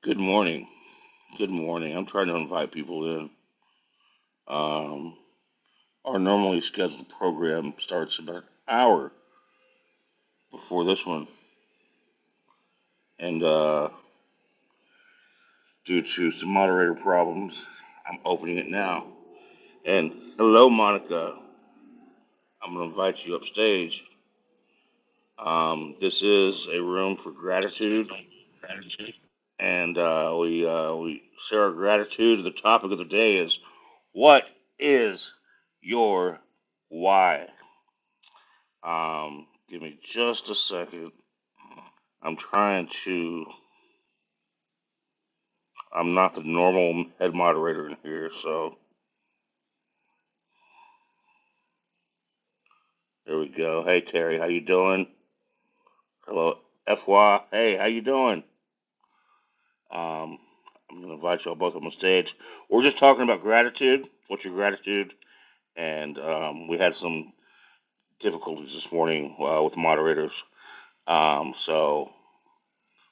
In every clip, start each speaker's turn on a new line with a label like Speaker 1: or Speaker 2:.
Speaker 1: Good morning. Good morning. I'm trying to invite people in. Um, our normally scheduled program starts about an hour before this one, and uh, due to some moderator problems, I'm opening it now. And hello, Monica. I'm going to invite you upstage. Um, this is a room for gratitude, and uh, we uh, we share our gratitude. The topic of the day is what is your why? Um, give me just a second. I'm trying to. I'm not the normal head moderator in here, so there we go. Hey Terry, how you doing? Hello, FY. Hey, how you doing? Um, I'm gonna invite y'all both up on stage. We're just talking about gratitude. What's your gratitude? And um, we had some difficulties this morning uh, with moderators. Um, so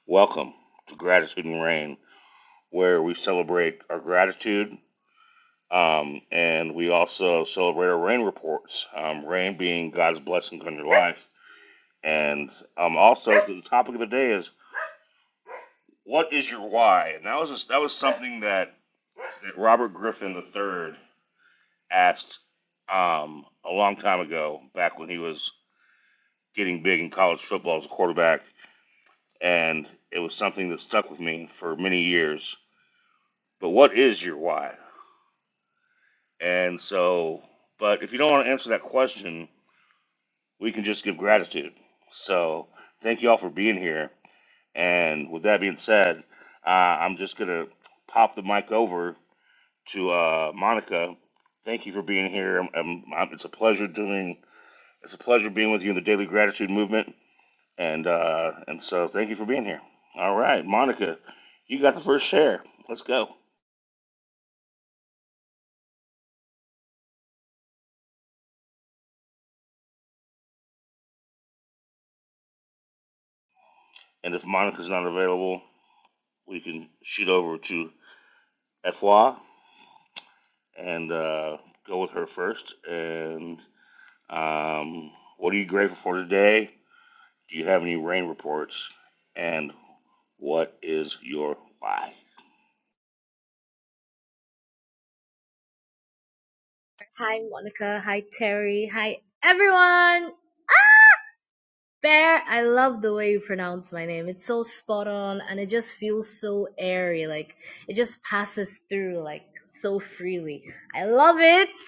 Speaker 1: welcome to Gratitude and Rain, where we celebrate our gratitude Um, and we also celebrate our rain reports, um, rain being God's blessings on your life. And um, also, the topic of the day is what is your why? And that was just, that was something that, that Robert Griffin III asked um, a long time ago, back when he was getting big in college football as a quarterback. And it was something that stuck with me for many years. But what is your why? And so, but if you don't want to answer that question, we can just give gratitude. So thank you all for being here. And with that being said, uh, I'm just gonna pop the mic over to uh, Monica. Thank you for being here. i it's a pleasure doing. It's a pleasure being with you in the Daily Gratitude Movement. And uh, and so thank you for being here. All right, Monica, you got the first share. Let's go. And if Monica's not available, we can shoot over to Efwa and uh, go with her first. And Um, what are you grateful for today? Do you have any rain reports? And what is your why?
Speaker 2: Hi, Monica. Hi, Terry. Hi, everyone. Bear, I love the way you pronounce my name. It's so spot on and it just feels so airy. Like it just passes through like so freely. I love it.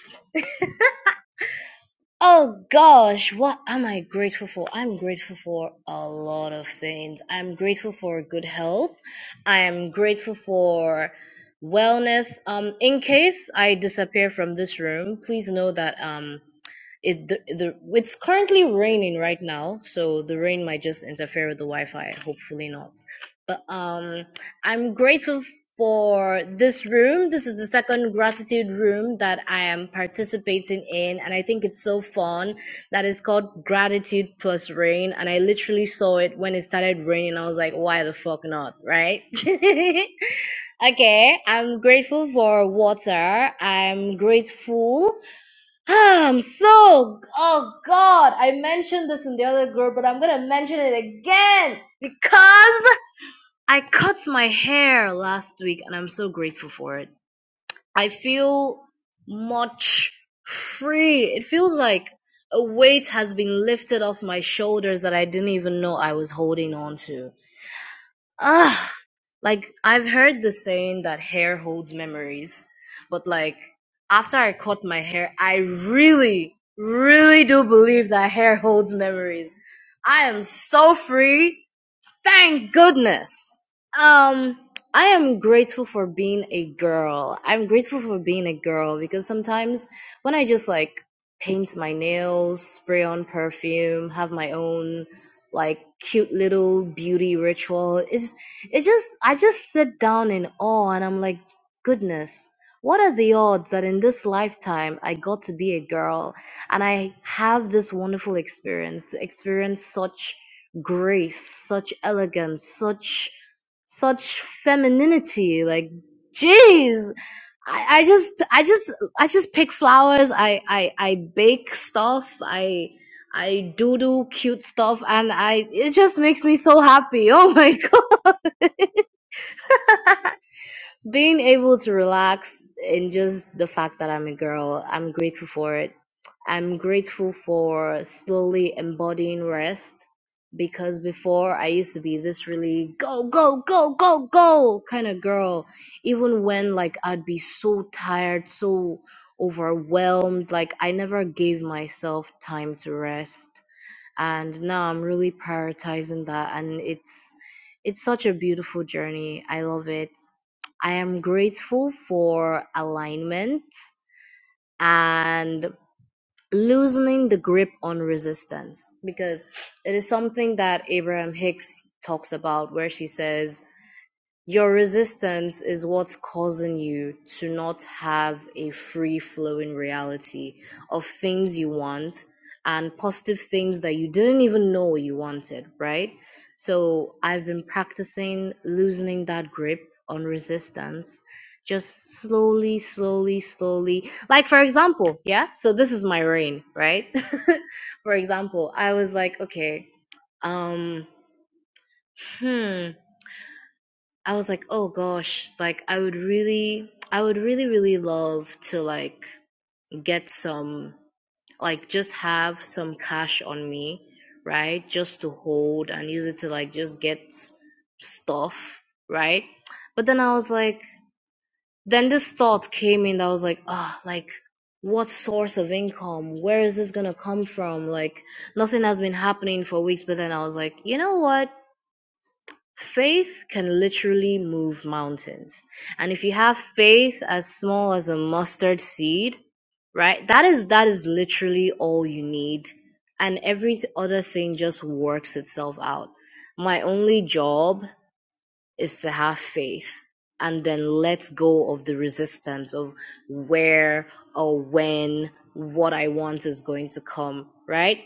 Speaker 2: Oh gosh, what am I grateful for? I'm grateful for a lot of things. I'm grateful for good health. I am grateful for wellness. Um, in case I disappear from this room, please know that um It the, the it's currently raining right now, so the rain might just interfere with the Wi-Fi. Hopefully not. But um, I'm grateful for this room. This is the second gratitude room that I am participating in, and I think it's so fun. That is called Gratitude Plus Rain, and I literally saw it when it started raining. I was like, why the fuck not, right? okay, I'm grateful for water. I'm grateful. I'm so oh god, I mentioned this in the other group, but I'm gonna mention it again because I cut my hair last week and I'm so grateful for it. I feel much free. It feels like a weight has been lifted off my shoulders that I didn't even know I was holding on to. Ah, like I've heard the saying that hair holds memories, but like after I cut my hair, I really, really do believe that hair holds memories. I am so free. Thank goodness. Um, I am grateful for being a girl. I'm grateful for being a girl because sometimes when I just like paint my nails, spray on perfume, have my own like cute little beauty ritual, it's it just I just sit down in awe and I'm like, goodness, what are the odds that in this lifetime I got to be a girl and I have this wonderful experience to experience such grace, such elegance, such such femininity. Like, jeez, I, I just I just I just pick flowers. I I I bake stuff. I I do do cute stuff, and I it just makes me so happy. Oh my god, being able to relax and just the fact that I'm a girl, I'm grateful for it. I'm grateful for slowly embodying rest because before I used to be this really go, go, go, go, go kind of girl. Even when like I'd be so tired, so overwhelmed, like I never gave myself time to rest. And now I'm really prioritizing that and it's it's such a beautiful journey. I love it. I am grateful for alignment and loosening the grip on resistance because it is something that Abraham Hicks talks about where she says your resistance is what's causing you to not have a free flowing reality of things you want and positive things that you didn't even know you wanted, right? So I've been practicing loosening that grip on resistance just slowly, slowly, slowly. Like, for example, yeah, so this is my rain, right? for example, I was like, okay, um, hmm. I was like, oh gosh, like I would really, I would really, really love to like get some, like just have some cash on me, right? Just to hold and use it to like just get stuff, right? But then I was like, then this thought came in that I was like, oh, like what source of income? Where is this gonna come from? Like nothing has been happening for weeks, but then I was like, you know what? Faith can literally move mountains. And if you have faith as small as a mustard seed, right? That is that is literally all you need. And every other thing just works itself out. My only job is to have faith and then let go of the resistance of where or when what I want is going to come, right?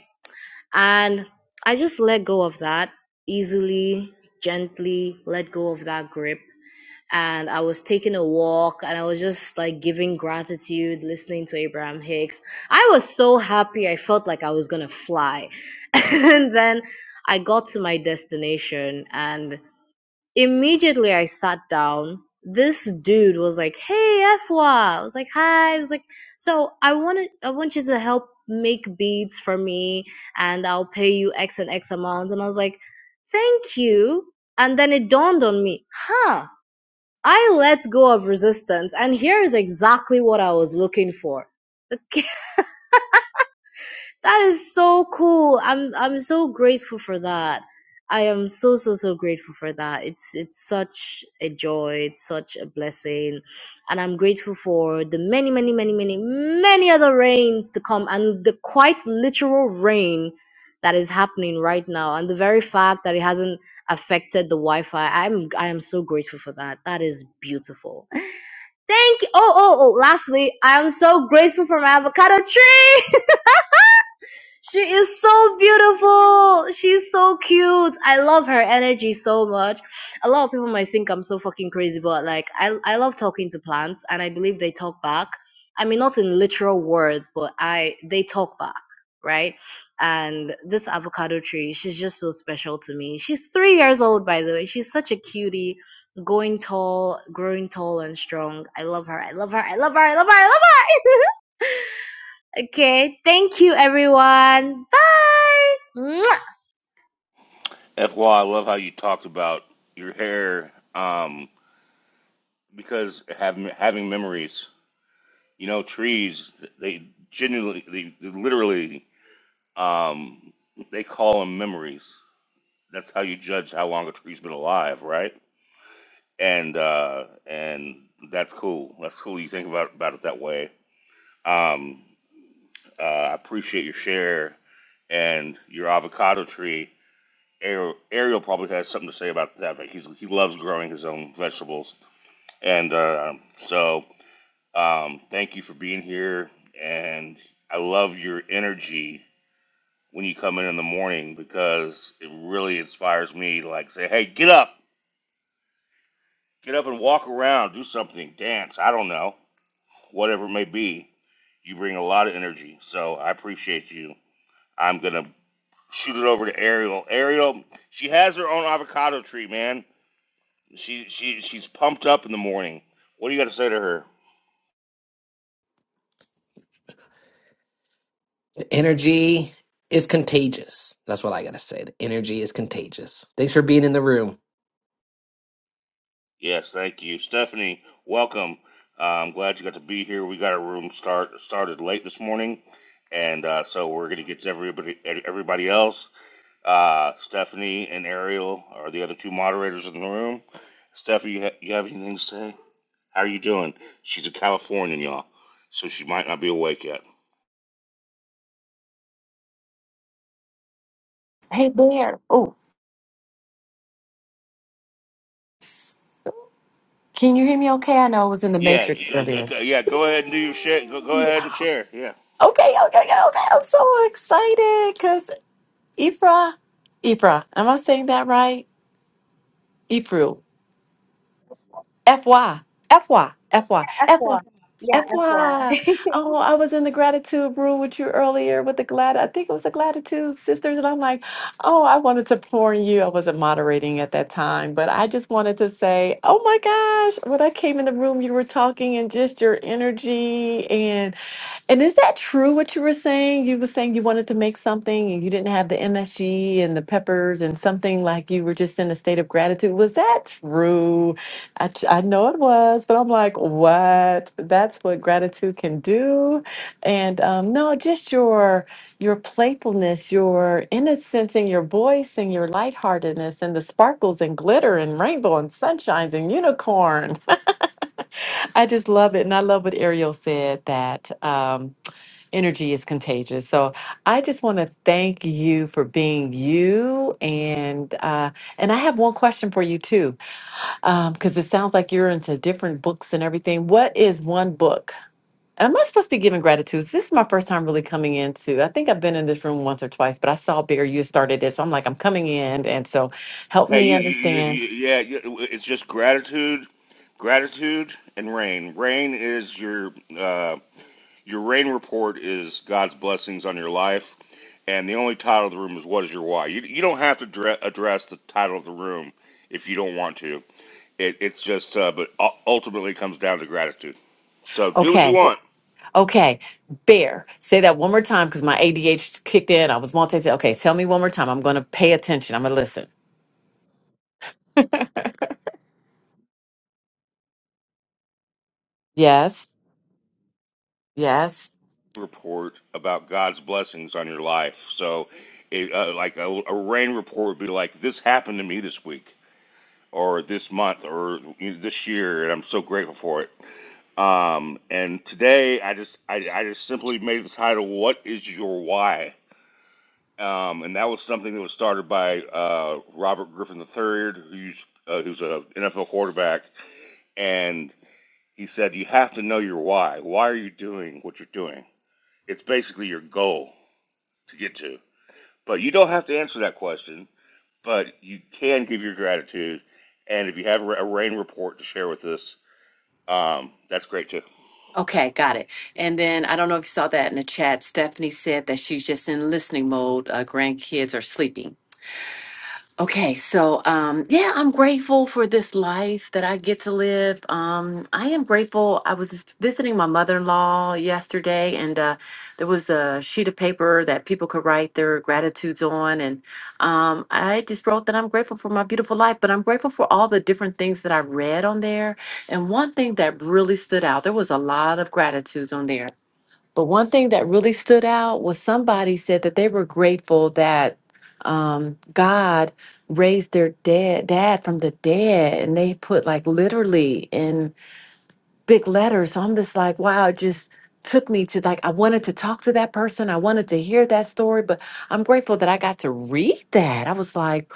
Speaker 2: And I just let go of that easily, gently let go of that grip. And I was taking a walk and I was just like giving gratitude, listening to Abraham Hicks. I was so happy. I felt like I was going to fly. and then I got to my destination and Immediately I sat down. This dude was like, "Hey, Efwa." I was like, "Hi." I was like, "So I wanted, I want you to help make beats for me, and I'll pay you X and X amount." And I was like, "Thank you." And then it dawned on me, huh? I let go of resistance, and here is exactly what I was looking for. That is so cool. I'm I'm so grateful for that. I am so so so grateful for that. It's it's such a joy. It's such a blessing, and I'm grateful for the many many many many many other rains to come and the quite literal rain that is happening right now and the very fact that it hasn't affected the Wi-Fi. I'm I am so grateful for that. That is beautiful. Thank you. Oh oh oh. Lastly, I am so grateful for my avocado tree. She is so beautiful. She's so cute. I love her energy so much. A lot of people might think I'm so fucking crazy, but like I I love talking to plants and I believe they talk back. I mean not in literal words, but I they talk back, right? And this avocado tree, she's just so special to me. She's 3 years old by the way. She's such a cutie, going tall, growing tall and strong. I love her. I love her. I love her. I love her. I love her. Okay, thank you everyone. Bye. Mwah.
Speaker 1: FY, love how you talked about your hair um, because having having memories. You know, trees they genuinely, they literally, um, they call them memories. That's how you judge how long a tree's been alive, right? And uh, and that's cool. That's cool. You think about about it that way. Um, Uh, I appreciate your share and your avocado tree. Ariel, Ariel probably has something to say about that. But he's, he loves growing his own vegetables. And uh, so um, thank you for being here. And I love your energy when you come in in the morning because it really inspires me to like say, hey, get up, get up and walk around, do something, dance. I don't know, whatever it may be. You bring a lot of energy. So I appreciate you. I'm going to shoot it over to Ariel. Ariel, she has her own avocado tree, man. She she she's pumped up in the morning. What do you got to say to her?
Speaker 3: Energy is contagious. That's what I gotta say. The energy is contagious. Thanks for being in the room.
Speaker 1: Yes, thank you, Stephanie. Welcome. Uh, I'm glad you got to be here. We got our room start started late this morning, and uh, so we're gonna get to everybody everybody else. Uh, Stephanie and Ariel are the other two moderators in the room. Stephanie, you, ha- you have anything to say? How are you doing? She's a Californian, y'all, so she might not be awake yet.
Speaker 4: Hey, Bear. Oh, can you hear me okay? I know I was in the
Speaker 1: Yeah, g-
Speaker 4: Matrix
Speaker 1: g-
Speaker 4: earlier.
Speaker 1: g- yeah. Go ahead and
Speaker 4: Hey.
Speaker 1: do your share. Go, go ahead and share. Yeah.
Speaker 4: Okay, okay, okay, okay. I'm so excited because Ifra, Ifra, am I saying that right? Ifru. FY, FY, FY, FY.
Speaker 2: F1. Yeah, F1.
Speaker 4: FY, oh, I was in the gratitude room with you earlier with the glad, I think it was the gratitude sisters, and I'm like, oh, I wanted to pour in you. I wasn't moderating at that time, but I just wanted to say, oh my gosh, when I came in the room, you were talking and just your energy and is that true what you were saying? You were saying you wanted to make something and you didn't have the MSG and the peppers and something like you were just in a state of gratitude. Was that true? I, t- I know it was, but I'm like, what? That's what gratitude can do. And um, no, just your your playfulness, your innocence in your voice and your lightheartedness and the sparkles and glitter and rainbow and sunshines and unicorn. I just love it. And I love what Ariel said that. Um, energy is contagious. So I just want to thank you for being you, and uh, and I have one question for you too, because it sounds like you're into different books and everything. What is one book? Am I supposed to be giving gratitude? This is my first time really coming into. I think I've been in this room once or twice, but I saw Bear you started it, so I'm like, I'm coming in, and so help
Speaker 1: Hey,
Speaker 4: me
Speaker 1: you, you, you,
Speaker 4: understand.
Speaker 1: you- yeah. you- It's just gratitude, gratitude, and rain. Rain is your uh, your rain report is God's blessings on your life, and the only title of the room is "What is your why." You, you don't have to dre- address the title of the room if you don't want to. It, it's just, uh, but u- ultimately, it comes down to gratitude. So do what you
Speaker 4: Okay,
Speaker 1: Well, want.
Speaker 4: okay, Bear, say that one more time because my ADH kicked in. I was multitasking. Okay, tell me one more time. I'm going to pay attention. I'm gonna listen. Yes. Yes.
Speaker 1: report about God's blessings on your life. So, it, uh, like a, a rain report would be like, this happened to me this week, or this month, or you know, this year, and I'm so grateful for it. Um, and today, I just, I, I just simply made the title, "What is your why?" Um, and that was something that was started by uh, Robert Griffin III, who's uh, who's an NFL quarterback, and he said, "You have to know your why. Why are you doing what you're doing? It's basically your goal to get to." But you don't have to answer that question, but you can give your gratitude. And if you have a rain report to share with us, um, that's great too.
Speaker 4: Okay, got it. And then I don't know if you saw that in the chat. Stephanie said that she's just in listening mode. Uh, grandkids are sleeping. Okay, so um yeah, I'm grateful for this life that I get to live. Um I am grateful. I was just visiting my mother-in-law yesterday and uh there was a sheet of paper that people could write their gratitudes on and um I just wrote that I'm grateful for my beautiful life, but I'm grateful for all the different things that I read on there. And one thing that really stood out, there was a lot of gratitudes on there. But one thing that really stood out was somebody said that they were grateful that um, God raised their dead dad from the dead, and they put like literally in big letters. So I'm just like, wow, it just took me to like I wanted to talk to that person, I wanted to hear that story, but I'm grateful that I got to read that. I was like.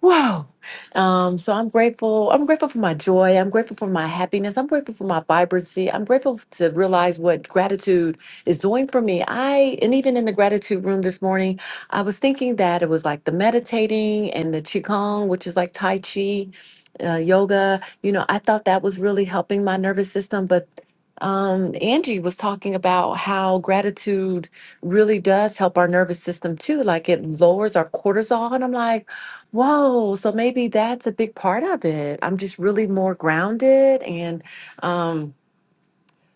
Speaker 4: Whoa. Um, so I'm grateful. I'm grateful for my joy. I'm grateful for my happiness. I'm grateful for my vibrancy. I'm grateful to realize what gratitude is doing for me. I, and even in the gratitude room this morning, I was thinking that it was like the meditating and the Qigong, which is like Tai Chi, uh, yoga. You know, I thought that was really helping my nervous system. But um, Angie was talking about how gratitude really does help our nervous system too. Like it lowers our cortisol. And I'm like, Whoa, so maybe that's a big part of it. I'm just really more grounded and um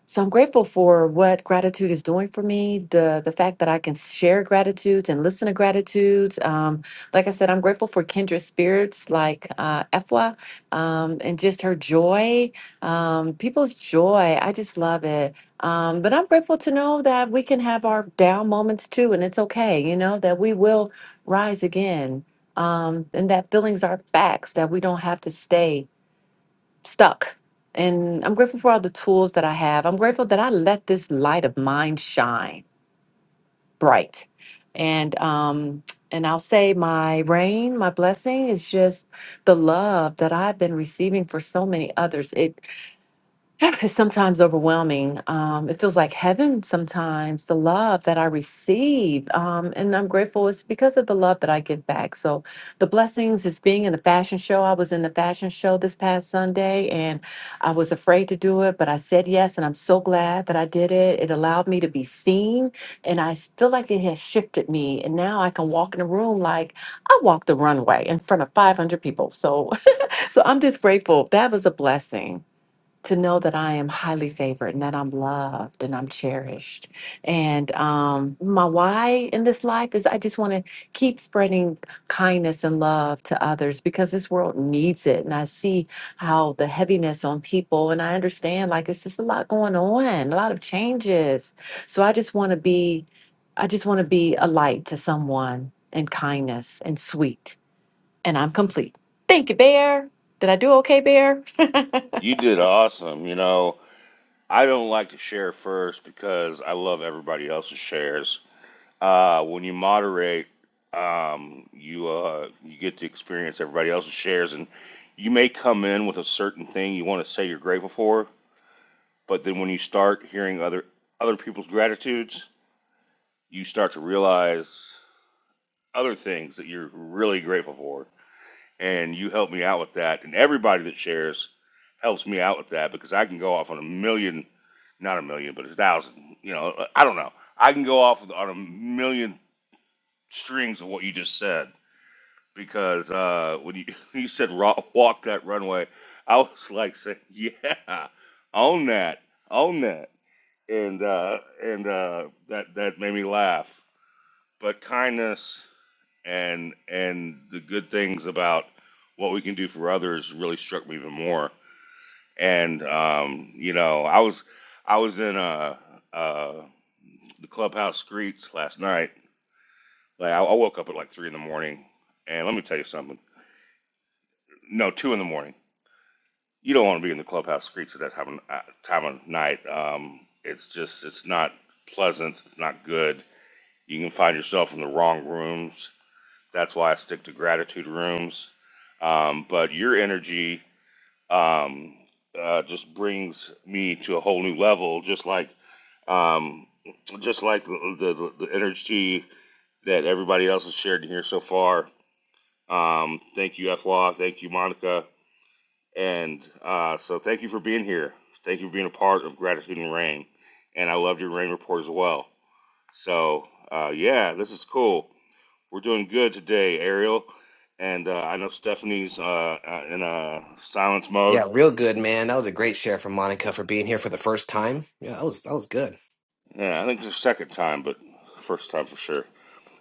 Speaker 4: so I'm grateful for what gratitude is doing for me, the the fact that I can share gratitude and listen to gratitude. Um, like I said, I'm grateful for kindred spirits like uh, Efwa um, and just her joy, um, people's joy. I just love it. Um, but I'm grateful to know that we can have our down moments too, and it's okay. You know that we will rise again, um, and that feelings are facts that we don't have to stay stuck. And I'm grateful for all the tools that I have. I'm grateful that I let this light of mine shine bright. And um and I'll say my rain, my blessing is just the love that I've been receiving for so many others. It. It's sometimes overwhelming. Um, it feels like heaven sometimes, the love that I receive. Um, and I'm grateful it's because of the love that I give back. So the blessings is being in a fashion show. I was in the fashion show this past Sunday and I was afraid to do it, but I said yes. And I'm so glad that I did it. It allowed me to be seen. And I s- feel like it has shifted me. And now I can walk in a room like I walked the runway in front of 500 people. So, so I'm just grateful. That was a blessing to know that I am highly favored and that I'm loved and I'm cherished. And um, my why in this life is I just want to keep spreading kindness and love to others because this world needs it. And I see how the heaviness on people, and I understand like it's just a lot going on, a lot of changes. So I just want to be, I just want to be a light to someone and kindness and sweet. And I'm complete. Thank you, Bear. Did I do okay, Bear?
Speaker 1: You did awesome. You know, I don't like to share first because I love everybody else's shares. Uh, when you moderate, um, you uh, you get to experience everybody else's shares, and you may come in with a certain thing you want to say you're grateful for, but then when you start hearing other other people's gratitudes, you start to realize other things that you're really grateful for. And you help me out with that. And everybody that shares helps me out with that because I can go off on a million, not a million, but a thousand. You know, I don't know. I can go off on a million strings of what you just said because uh, when you, you said ro- walk that runway, I was like saying, yeah, own that, own that. And, uh, and uh, that, that made me laugh. But kindness and and the good things about what we can do for others really struck me even more. And um, you know, I was I was in uh, uh, the clubhouse streets last night. Like I, I woke up at like three in the morning, and let me tell you something. No, two in the morning. You don't want to be in the clubhouse streets at that time of, uh, time of night. Um, it's just it's not pleasant. It's not good. You can find yourself in the wrong rooms That's why I stick to gratitude rooms. Um, but your energy um, uh, just brings me to a whole new level, just like um, just like the, the, the energy that everybody else has shared in here so far. Um, thank you, FWA. Thank you, Monica. And uh, so thank you for being here. Thank you for being a part of Gratitude and Rain. And I loved your rain report as well. So uh, yeah, this is cool. We're doing good today, Ariel. And uh, I know Stephanie's uh, uh, in uh, silence
Speaker 3: Yeah,
Speaker 1: mode.
Speaker 3: real good, man. That was a great share from Monica for being here for the first time. Yeah, that was that was good.
Speaker 1: Yeah, I think it's the second time, but first time for sure.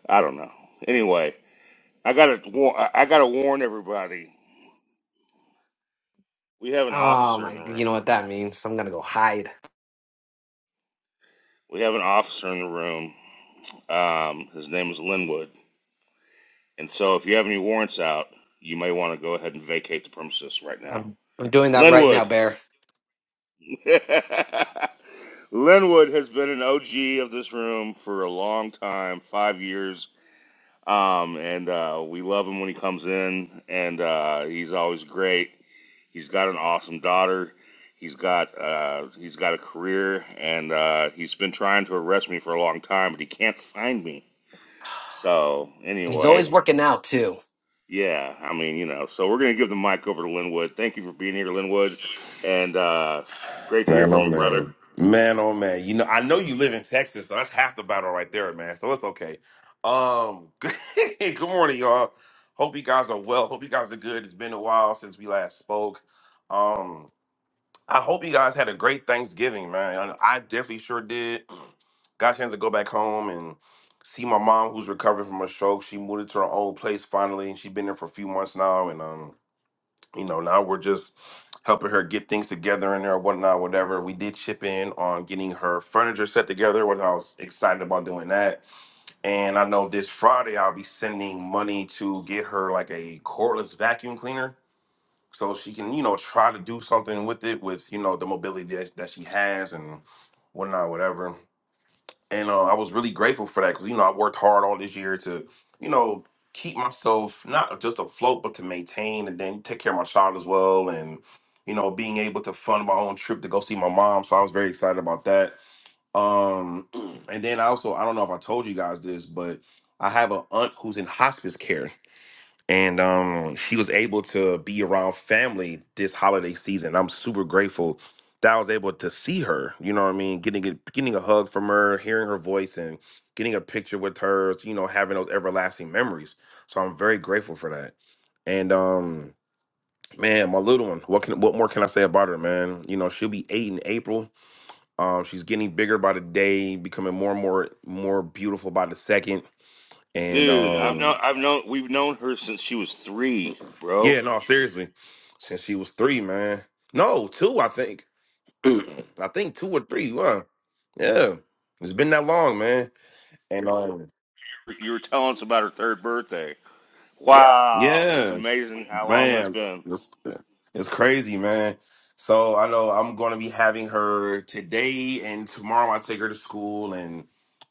Speaker 1: I don't know. Anyway, I gotta war- I I gotta warn everybody. We have an
Speaker 3: Oh
Speaker 1: officer in
Speaker 3: my,
Speaker 1: the
Speaker 3: you
Speaker 1: room.
Speaker 3: know what that means? I'm gonna go hide.
Speaker 1: We have an officer in the room. Um, his name is Linwood. And so, if you have any warrants out, you may want to go ahead and vacate the premises right now.
Speaker 3: I'm I'm doing that right now,
Speaker 1: Linwood.
Speaker 3: Bear.
Speaker 1: Linwood has been an OG of this room for a long time, five years. Um, and uh, we love him when he comes in, and uh, he's always great. He's got an awesome daughter. He's got uh, he's got a career, and uh, he's been trying to arrest me for a long time, but he can't find me. So
Speaker 3: And he's
Speaker 1: anyway,
Speaker 3: always working out too.
Speaker 1: yeah, I mean, you know, so we're gonna give the mic over to Linwood. Thank you for being here, Linwood, and uh, great to hear
Speaker 5: Man,
Speaker 1: from
Speaker 5: oh
Speaker 1: you, brother.
Speaker 5: man, man, oh man. You know, I know you live in Texas, so that's half the battle right there, man. So it's okay. Um, good morning, y'all. Hope you guys are well. Hope you guys are good. It's been a while since we last spoke. Um, I hope you guys had a great Thanksgiving, man. I definitely sure did. Got a chance to go back home and see my mom, who's recovering from a stroke. She moved into her own place finally, and she's been there for a few months now, and um you know, now we're just helping her get things together in there, whatnot, whatever. We did chip in on getting her furniture set together, which I was excited about doing that. And I know this Friday I'll be sending money to get her like a cordless vacuum cleaner. So she can, you know, try to do something with it with, you know, the mobility that, that she has and whatnot, whatever and uh, I was really grateful for that because you know I worked hard all this year to you know keep myself not just afloat but to maintain and then take care of my child as well and you know being able to fund my own trip to go see my mom so I was very excited about that um and then I also I don't know if I told you guys this but I have an aunt who's in hospice care and um, she was able to be around family this holiday season. I'm super grateful that I was able to see her. You know what I mean? Getting a, getting a hug from her, hearing her voice, and getting a picture with her. You know, having those everlasting memories. So I'm very grateful for that. And um, man, my little one. What can what more can I say about her, man? You know, she'll be eight in April. Um, she's getting bigger by the day, becoming more and more more beautiful by the second. And
Speaker 1: Dude, I've
Speaker 5: um,
Speaker 1: known I've known we've known her since she was three, bro.
Speaker 5: Yeah, no, seriously. Since she was three, man. No, two, I think. I think two or three. Wow. Yeah. It's been that long, man. And um,
Speaker 1: You were telling us about her third birthday. Wow, it's
Speaker 5: yeah,
Speaker 1: amazing how long that's
Speaker 5: man,
Speaker 1: been.
Speaker 5: it's, it's crazy, man. So I know I'm going to be having her today and tomorrow. I take her to school, and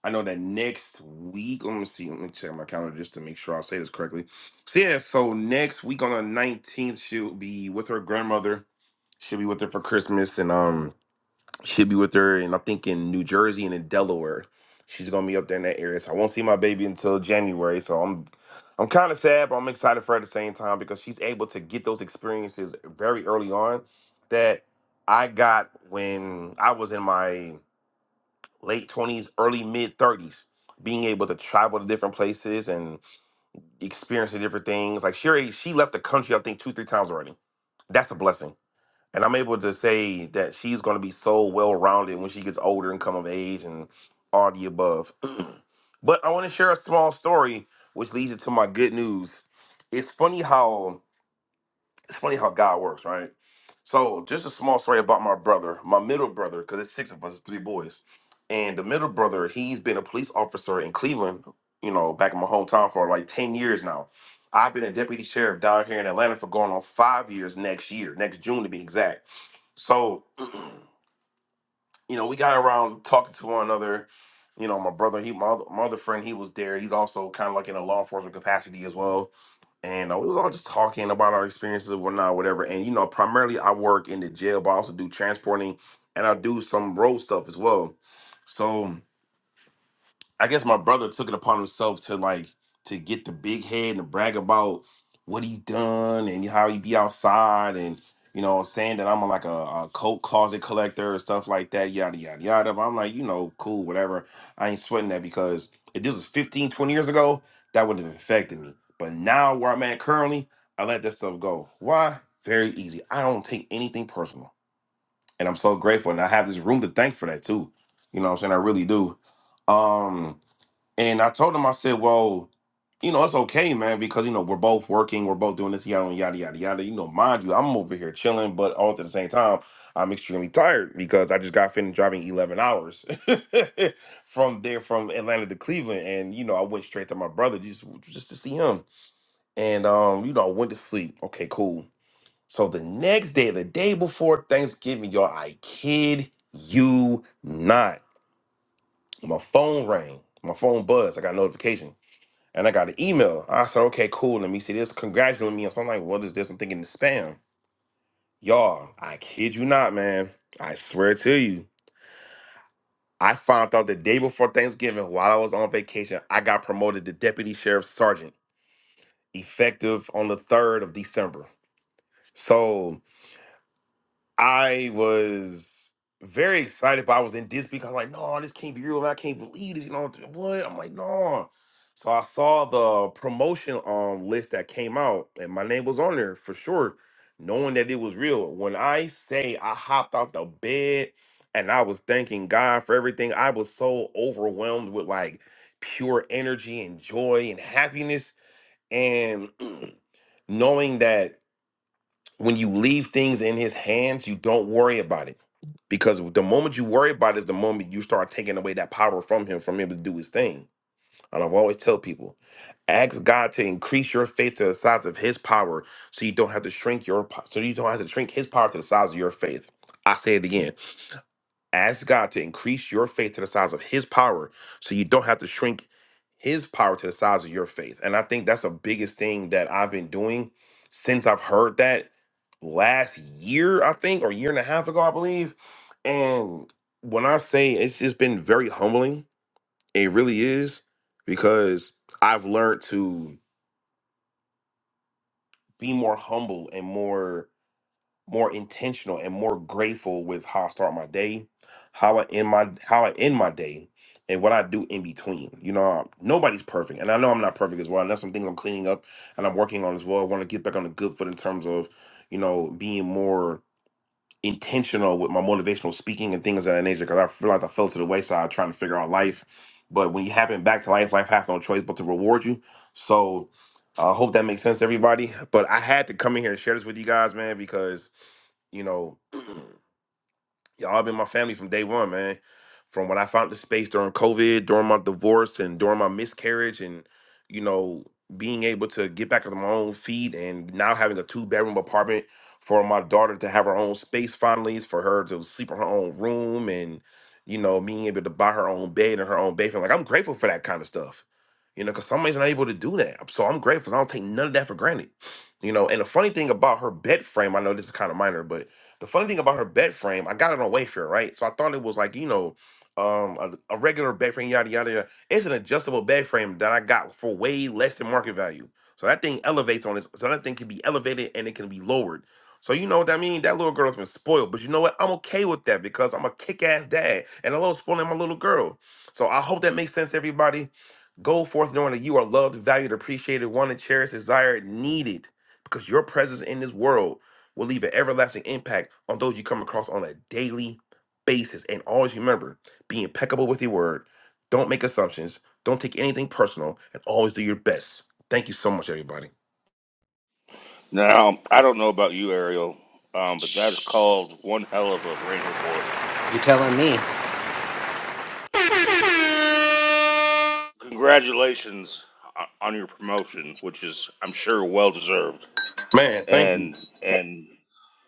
Speaker 5: I know that next week. Let me see. Let me check my calendar just to make sure I say this correctly. So yeah, so next week on the 19th, she'll be with her grandmother She'll be with her for Christmas, and um, she'll be with her, and I think in New Jersey and in Delaware. She's gonna be up there in that area, so I won't see my baby until January. So I'm, I'm kind of sad, but I'm excited for her at the same time because she's able to get those experiences very early on that I got when I was in my late twenties, early mid thirties. Being able to travel to different places and experience the different things, like she already, she left the country, I think two, three times already. That's a blessing and I'm able to say that she's going to be so well rounded when she gets older and come of age and all the above. but I want to share a small story, which leads into my good news. It's funny how funny how God works, right? So, just a small story about my brother, my middle brother, because it's six of us, it's three boys. And the middle brother, he's been a police officer in Cleveland, you know, back in my hometown for like 10 years now. I've been a deputy sheriff down here in Atlanta for going on five years next year, next June to be exact. So, you know, we got around talking to one another. You know, my brother, he my other, my other friend, he was there. He's also kind of like in a law enforcement capacity as well and uh, we was all just talking about our experiences and whatnot, whatever. And you know, primarily I work in the jail, but I also do transporting and I do some road stuff as well. So I guess my brother took it upon himself to like to get the big head and brag about what he done and how he be outside and you know saying that I'm like a, a coat closet collector and stuff like that yada yada yada. But I'm like you know cool whatever. I ain't sweating that because if this was 15 20 years ago that wouldn't have affected me. But now where I'm at currently, I let that stuff go. Why? Very easy. I don't take anything personal, and I'm so grateful. And I have this room to thank for that too. You know what I'm saying? I really do. Um, and I told him, I said, well, you know, it's okay, man, because you know we're both working, we're both doing this, yada yada yada yada. You know, mind you, I'm over here chilling, but all at the same time, I'm extremely tired because I just got finished driving 11 hours from there from Atlanta to Cleveland, and you know, I went straight to my brother just just to see him, and um, you know, I went to sleep. Okay, cool. So the next day, the day before Thanksgiving, y'all, I kid you not, my phone rang, my phone buzzed, I got a notification and I got an email. I said, okay, cool. Let me see this. Congratulating me. So I'm like, what is this? I'm thinking it's spam. Y'all, I kid you not, man. I swear to you. I found out the day before Thanksgiving while I was on vacation, I got promoted to deputy sheriff sergeant, effective on the 3rd of December. So I was very excited, but I was in disbelief. I was like, no, this can't be real. I can't believe this. You know what? I'm like, no. So I saw the promotion um list that came out, and my name was on there for sure, knowing that it was real. When I say I hopped out the bed and I was thanking God for everything, I was so overwhelmed with like pure energy and joy and happiness. And knowing that when you leave things in his hands, you don't worry about it. Because the moment you worry about it is the moment you start taking away that power from him, from him to do his thing. And I've always tell people, ask God to increase your faith to the size of his power so you don't have to shrink your po- so you don't have to shrink his power to the size of your faith. I say it again. Ask God to increase your faith to the size of His power so you don't have to shrink His power to the size of your faith. And I think that's the biggest thing that I've been doing since I've heard that last year, I think, or year and a half ago, I believe. And when I say it's just been very humbling, it really is because I've learned to be more humble and more more intentional and more grateful with how I start my day, how I end my how I end my day, and what I do in between. You know, um, nobody's perfect, and I know I'm not perfect as well. And that's some things I'm cleaning up and I'm working on as well. I want to get back on the good foot in terms of, you know, being more intentional with my motivational speaking and things of that nature. Because I realized I fell to the wayside trying to figure out life. But when you happen back to life, life has no choice but to reward you. So I hope that makes sense, to everybody. But I had to come in here and share this with you guys, man, because you know, y'all been my family from day one, man. From when I found the space during COVID, during my divorce, and during my miscarriage, and you know, being able to get back on my own feet, and now having a two bedroom apartment for my daughter to have her own space finally, for her to sleep in her own room, and you know, being able to buy her own bed and her own bathroom. Like I'm grateful for that kind of stuff. You know, because somebody's not able to do that. So I'm grateful. I don't take none of that for granted. You know, and the funny thing about her bed frame, I know this is kind of minor, but the funny thing about her bed frame, I got it on Wayfair, right? So I thought it was like, you know, um, a, a regular bed frame, yada, yada, yada. It's an adjustable bed frame that I got for way less than market value. So that thing elevates on this. So that thing can be elevated and it can be lowered. So you know what I mean? That little girl's been spoiled. But you know what? I'm okay with that because I'm a kick-ass dad and I love spoiling my little girl. So I hope that makes sense, everybody. Go forth knowing that you are loved, valued, appreciated, wanted, cherished, desired, needed because your presence in this world will leave an everlasting impact on those you come across on a daily basis. And always remember, be impeccable with your word. Don't make assumptions. Don't take anything personal, and always do your best. Thank you so much, everybody.
Speaker 1: Now, I don't know about you, Ariel, um, but that is
Speaker 3: Shh,
Speaker 1: called one hell of a rain report.
Speaker 3: you're telling me.
Speaker 1: Congratulations o- on your promotion, which is I'm sure well deserved.
Speaker 5: Man, thank you.
Speaker 1: And and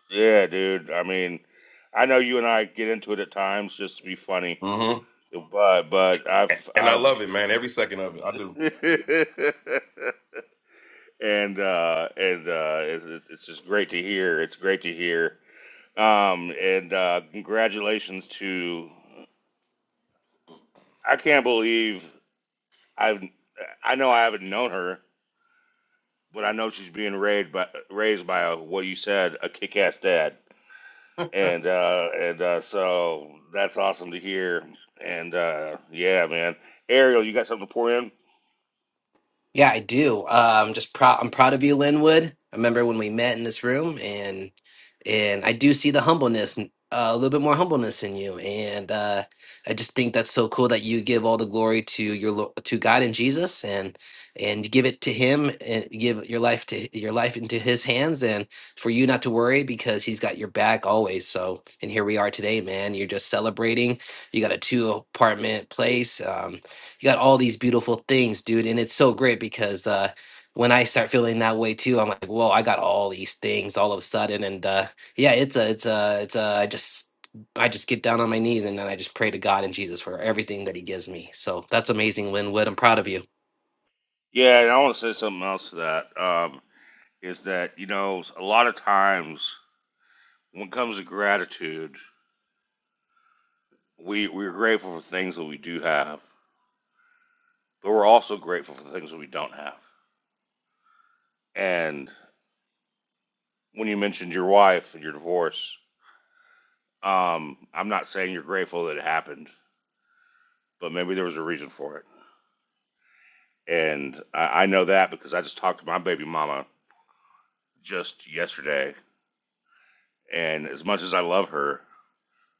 Speaker 1: yeah, dude, I mean, I know you and I get into it at times just to be funny,
Speaker 5: hmm
Speaker 1: but but I've
Speaker 5: And I
Speaker 1: I've
Speaker 5: love it, man. Every second of it, I do.
Speaker 1: and uh, and uh, it's, it's it's just great to hear. It's great to hear. Um, and uh, congratulations to. I can't believe I've. I know I haven't known her, but I know she's being raised by raised by a, what you said, a kick-ass dad. And uh, and uh, so that's awesome to hear. And uh, yeah, man, Ariel, you got something to pour in?
Speaker 3: Yeah, I do. Uh, I'm just proud. I'm proud of you, Linwood. I remember when we met in this room, and and I do see the humbleness, uh, a little bit more humbleness in you. And uh, I just think that's so cool that you give all the glory to your lo- to God and Jesus, and and you give it to Him, and give your life to your life into His hands, and for you not to worry because He's got your back always. So, and here we are today, man. You're just celebrating. You got a two apartment place. Um, you got all these beautiful things, dude. And it's so great because uh, when I start feeling that way too, I'm like, whoa, I got all these things all of a sudden. And uh, yeah, it's a, it's a, it's a, I just, I just get down on my knees and then I just pray to God and Jesus for everything that He gives me. So that's amazing, Linwood. I'm proud of you.
Speaker 1: Yeah, and I want to say something else to that. Um, is that you know a lot of times when it comes to gratitude, we we're grateful for things that we do have, but we're also grateful for things that we don't have. And when you mentioned your wife and your divorce, um, I'm not saying you're grateful that it happened, but maybe there was a reason for it. And I, I know that because I just talked to my baby mama just yesterday, and as much as I love her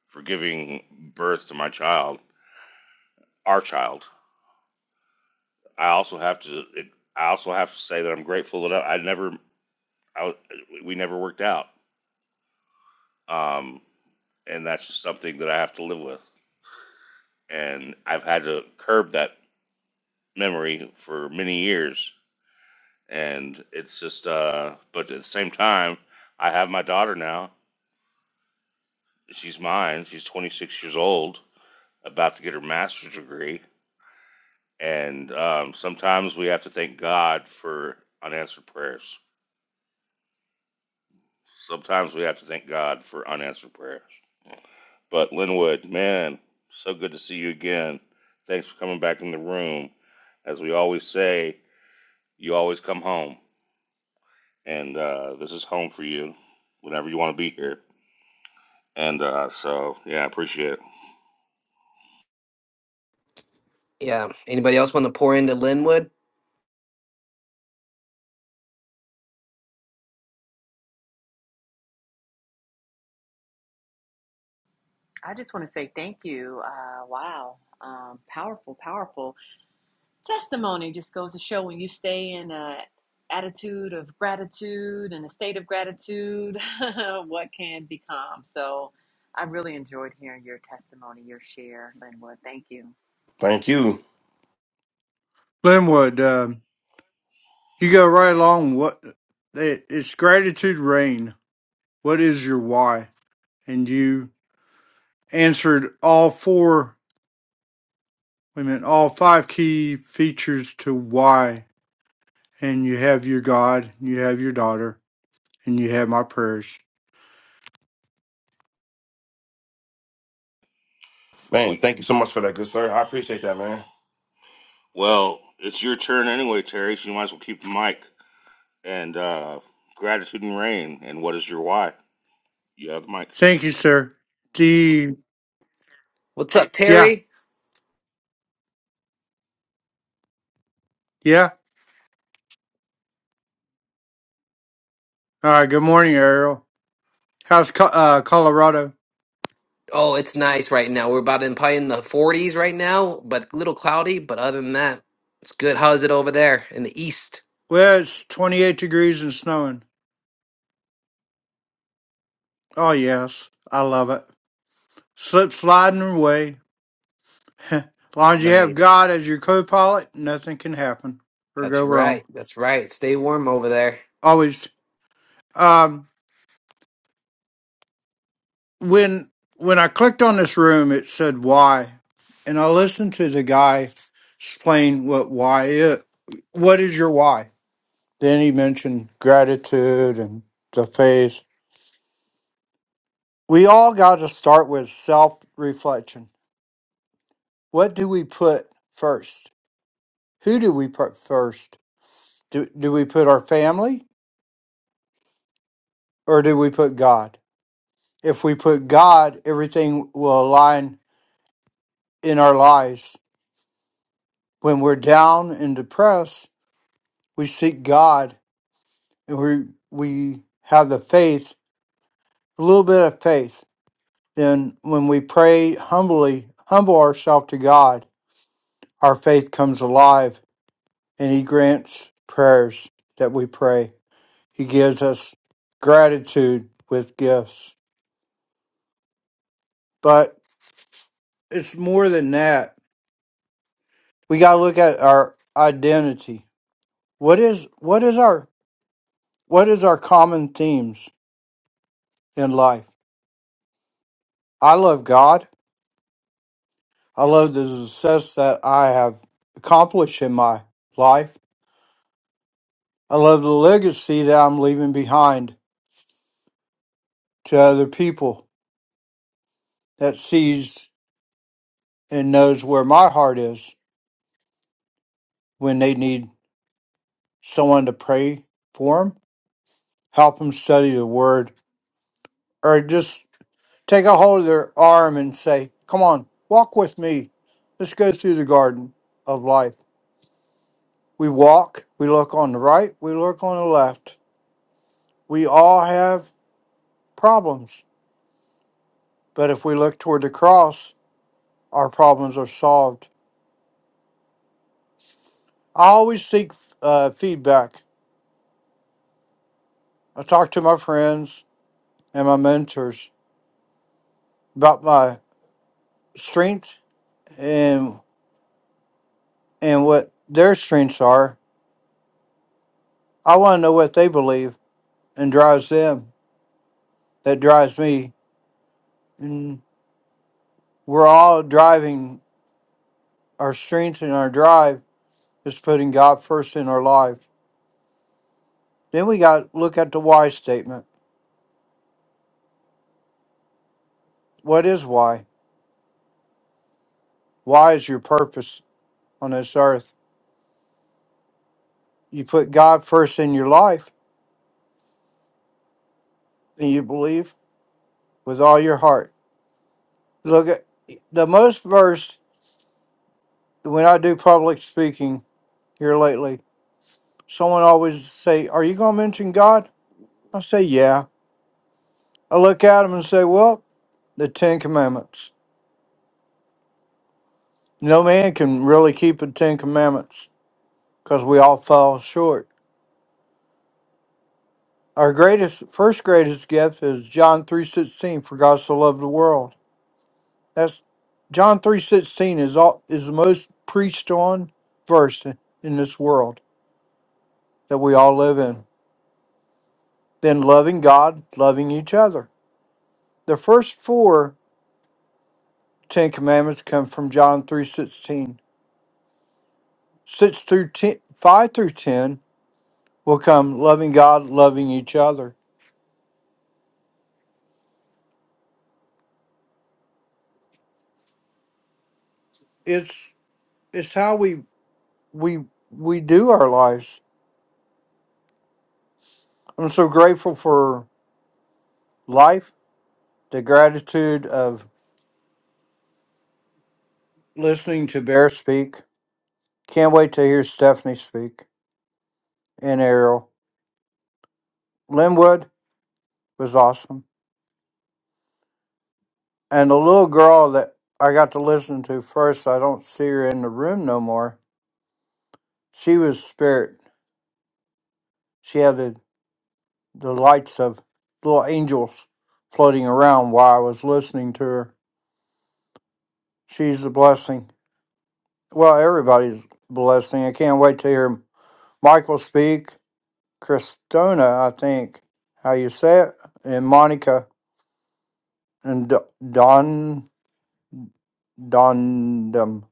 Speaker 1: for giving birth to my child, our child, I also have to it, I also have to say that I'm grateful that I, I never I, we never worked out, um, and that's just something that I have to live with. And I've had to curb that memory for many years, and it's just. Uh, but at the same time, I have my daughter now. She's mine. She's 26 years old, about to get her master's degree. And um, sometimes we have to thank God for unanswered prayers. Sometimes we have to thank God for unanswered prayers But Linwood, man, so good to see you again. Thanks for coming back in the room. As we always say, you always come home, and uh, this is home for you whenever you want to be here. And uh, so, yeah, I appreciate it.
Speaker 3: Yeah. Anybody else want to pour into Linwood?
Speaker 4: I just want to say thank you. Uh, wow. Um, powerful, powerful testimony just goes to show when you stay in a attitude of gratitude and a state of gratitude, what can become. So I really enjoyed hearing your testimony, your share, Linwood. Thank you.
Speaker 5: Thank you,
Speaker 6: Glenwood, um, you go right along. What it- it's gratitude rain. What is your why? And you answered all four. I mean, all five key features to why. And you have your God, you have your daughter, and you have my prayers.
Speaker 5: man.
Speaker 1: Well,
Speaker 5: Thank you so much for that, good sir. I appreciate that, man.
Speaker 1: well, it's your turn anyway, Terry. So you might as well keep the mic. And uh, gratitude and rain. And what is your why? You have the mic.
Speaker 6: Thank you, sir. The
Speaker 3: What's up,
Speaker 6: yeah,
Speaker 3: Terry?
Speaker 6: yeah. All right. Good morning, Ariel. How's Co- uh, Colorado?
Speaker 3: Oh, it's nice right now. We're about in probably in the 40s right now, but a little cloudy. But other than that, it's good. How's it over there in the east?
Speaker 6: Well, it's twenty-eight degrees and snowing. Oh yes, I love it. Slip sliding away as long as you have
Speaker 3: Nice.
Speaker 6: God as your co-pilot, nothing can happen or
Speaker 3: That's
Speaker 6: go wrong.
Speaker 3: right. That's right. Stay warm over there.
Speaker 6: Always. Um, when when I clicked on this room, it said why, and I listened to the guy explain what why it. What is your why? Then he mentioned gratitude and the faith. We all got to start with self-reflection. What do we put first? Who do we put first? Do, do we put our family or do we put God? If we put God, everything will align in our lives. When we're down and depressed, we seek God and we we have the faith, a little bit of faith. Then when we pray humbly, humble ourselves to God, our faith comes alive and he grants prayers that we pray. He gives us gratitude with gifts. But it's more than that. We got to look at our identity what is what is our What is our common themes in life? I love God. I love the success that I have accomplished in my life. I love the legacy that I'm leaving behind to other people that sees and knows where my heart is when they need someone to pray for them, help them study the word, or just take a hold of their arm and say, Come on, walk with me. Let's go through the garden of life. We walk, we look on the right, we look on the left. We all have problems, but if we look toward the cross, our problems are solved. I always seek uh, feedback. I talk to my friends and my mentors about my strength and and what their strengths are. I want to know what they believe and drives them. That drives me. And we're all driving our strength and our drive is putting God first in our life. Then we got to look at the why statement. What is why? Why is your purpose on this earth? You put God first in your life and you believe with all your heart. Look at the most verse when I do public speaking here lately, someone always say, Are you going to mention God? I say, Yeah. I look at them and say, Well, the Ten Commandments. No man can really keep the Ten Commandments because we all fall short. Our greatest first greatest gift is John 3:16 for God so loved the world. That's John 3:16 is all is the most preached on verse in, in this world that we all live in. Then loving God, loving each other. The first four Ten Commandments come from John 3:16. 6 through 10, 5 through 10 will come loving God, loving each other. It's it's how we we we do our lives. I'm so grateful for life The gratitude of listening to Bear speak. Can't wait to hear Stephanie speak and Ariel. Linwood was awesome. And the little girl that I got to listen to first, I don't see her in the room no more. She was spirit. She had the, the lights of little angels floating around while I was listening to her. She's a blessing. Well, everybody's a blessing. I can't wait to hear Michael speak Cristona, I think how you say it, and Monica and D- Don Dondam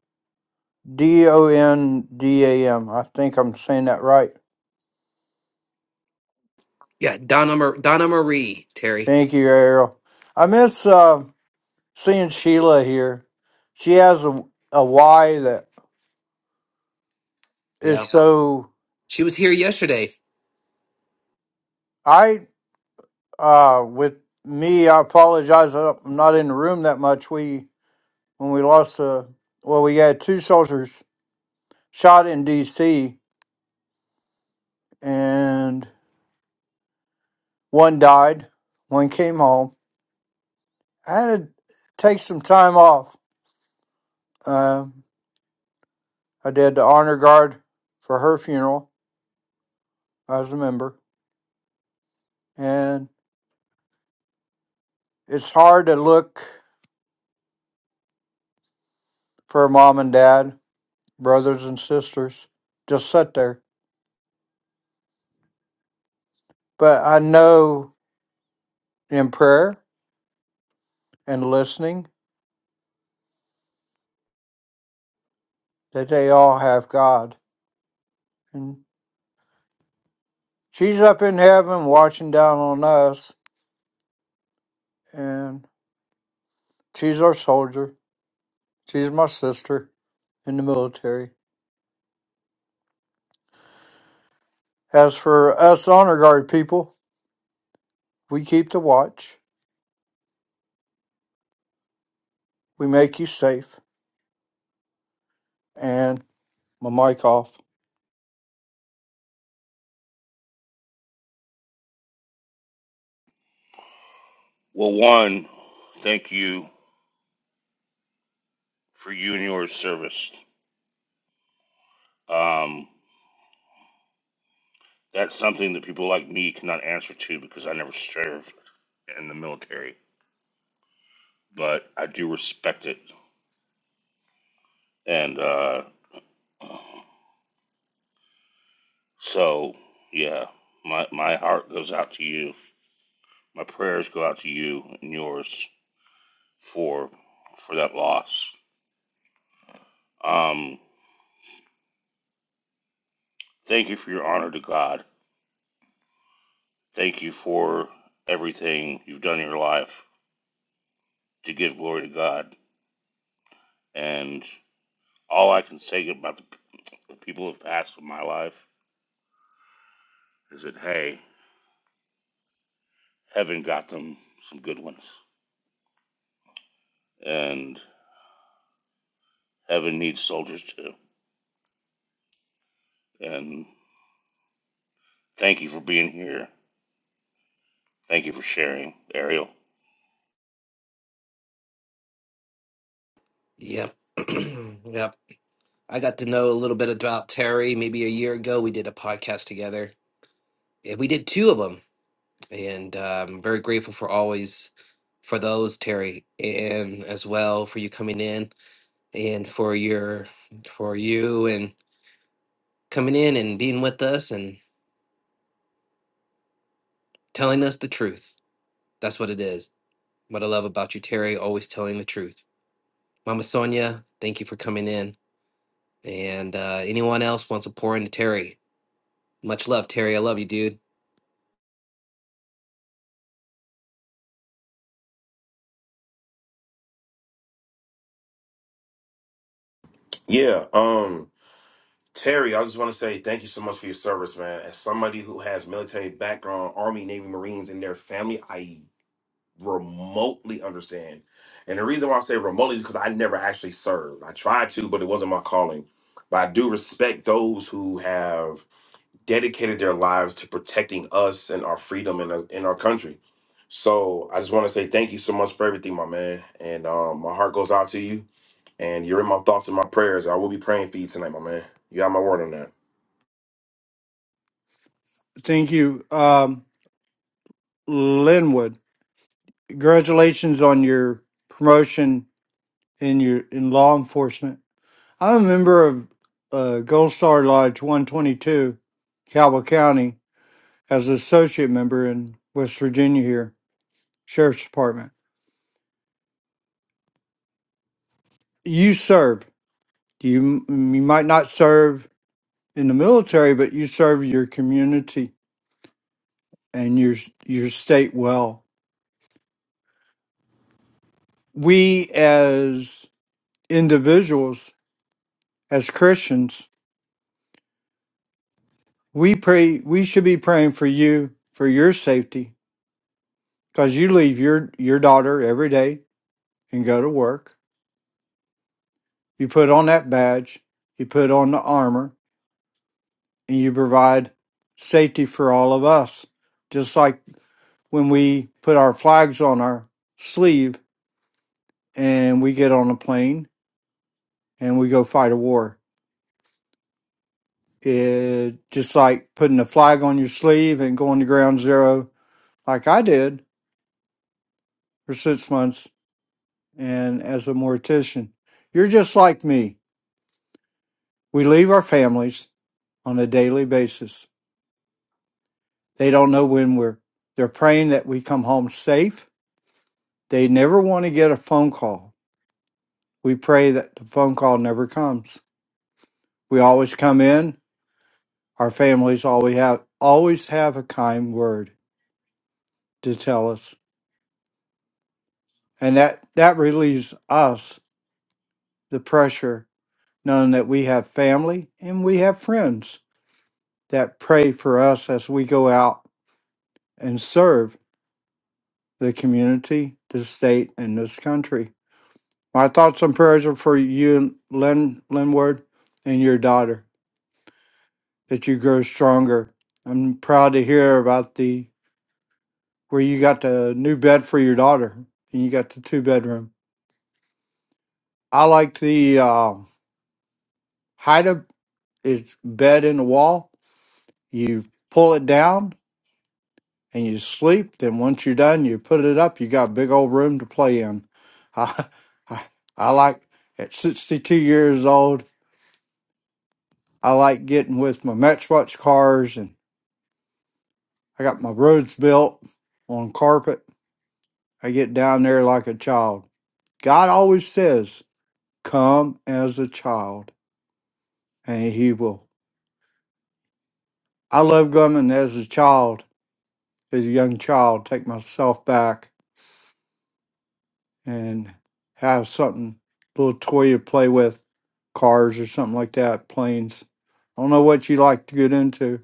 Speaker 6: D O N D A M. I think I'm saying that right.
Speaker 3: Yeah, Donna Mar- Donna Marie Terry.
Speaker 6: Thank you, Ariel. I miss uh, seeing Sheila here. She has a, a Y that is Yeah.
Speaker 3: Yeah,
Speaker 6: so.
Speaker 3: she was here yesterday.
Speaker 6: I uh, with me, I apologize. that I'm not in the room that much. We when we lost uh well, we had two soldiers shot in D.C. and One died, one came home. I had to take some time off. Um, I did the honor guard for her funeral I was a member, and it's hard to look for mom and dad, brothers and sisters, just sit there. But I know in prayer and listening that they all have God, and she's up in heaven watching down on us, and she's our soldier. She's my sister in the military As for us honor guard people, we keep the watch. We make you safe. And my mic off.
Speaker 1: Well, one, thank you for you and your service. Um, That's something that people like me cannot answer to because I never served in the military, but I do respect it. And uh, so, yeah, my my heart goes out to you. My prayers go out to you and yours for for that loss. Um, thank you for your honor to God. Thank you for everything you've done in your life to give glory to God. And all I can say about the people who've passed in my life is that hey, Heaven got them some good ones, and heaven needs soldiers too. And thank you for being here. Thank you for sharing, Ariel.
Speaker 3: Yep, yep. I got to know a little bit about Terry. Maybe a year ago, we did a podcast together. Yeah, we did two of them, and um, very grateful for always for those Terry, and as well for you coming in and for your for you and coming in and being with us and telling us the truth. That's what it is What I love about you, Terry, always telling the truth. Mama Sonia, thank you for coming in. And uh, anyone else wants to pour into Terry? Much love, Terry. I love you, dude.
Speaker 5: Yeah. Um, Terry, I just want to say thank you so much for your service, man. As somebody who has military background, Army, Navy, Marines in their family, I remotely understand. And the reason why I say remotely is because I never actually served. I tried to, but it wasn't my calling. But I do respect those who have dedicated their lives to protecting us and our freedom in, uh, in our country. So I just want to say thank you so much for everything, my man. And um, my heart goes out to you. And you're in my thoughts and my prayers. I will be praying for you tonight, my man. You got my word on that.
Speaker 6: Thank you, um, Linwood. Congratulations on your promotion in your in law enforcement. I'm a member of uh, Gold Star Lodge 122, Cowal County, as an associate member in West Virginia here, Sheriff's Department. You serve. You you might not serve in the military, but you serve your community and your your state well. We as individuals, as Christians, we pray we should be praying for you for your safety because you leave your your daughter every day and go to work. You put on that badge, you put on the armor, and you provide safety for all of us. Just like when we put our flags on our sleeve and we get on a plane and we go fight a war it just like putting a flag on your sleeve and going to ground zero like I did for six months and as a mortician. You're just like me. We leave our families on a daily basis. They don't know when we're they're praying that we come home safe. They never want to get a phone call. We pray that the phone call never comes. We always come in, our families always have always have a kind word to tell us. And that, that relieves us the pressure knowing that we have family and we have friends that pray for us as we go out and serve the community, the state, and this country. My thoughts and prayers are for you, Lynn, Linward, and your daughter, that you grow stronger. I'm proud to hear about the where you got the new bed for your daughter and you got the two bedroom. I like the uh, height of its bed in the wall. You pull it down and you sleep. Then once you're done, you put it up. You got a big old room to play in. I, I, I like at 62 years old. I like getting with my Matchbox cars, and I got my roads built on carpet. I get down there like a child. God always says, "Come as a child," and He will. I love coming as a child, as a young child. Take myself back and have something little toy to play with, cars or something like that, planes. I don't know what you like to get into,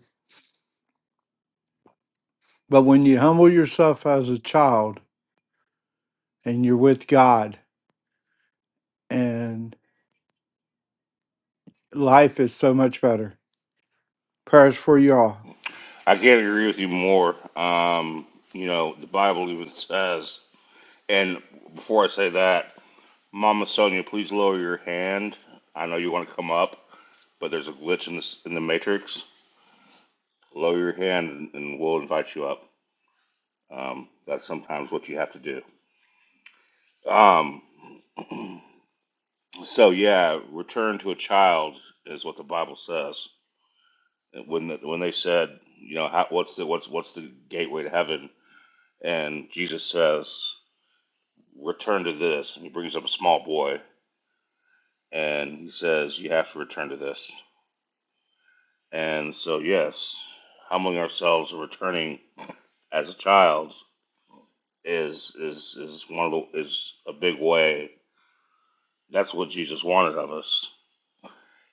Speaker 6: but when you humble yourself as a child and you're with God, and life is so much better. Prayers for you all.
Speaker 1: I can't agree with you more. Um, you know, the Bible even says, and before I say that, Mama Sonia, please lower your hand. I know you want to come up, but there's a glitch in, this, in the matrix. Lower your hand, and we'll invite you up. Um, that's sometimes what you have to do. Um, So yeah, return to a child is what the Bible says. When when they said, you know, how, what's the what's what's the gateway to heaven? And Jesus says, return to this. And he brings up a small boy and he says, you have to return to this. And so yes, humbling ourselves and returning as a child is is is one of the is a big way. That's what Jesus wanted of us.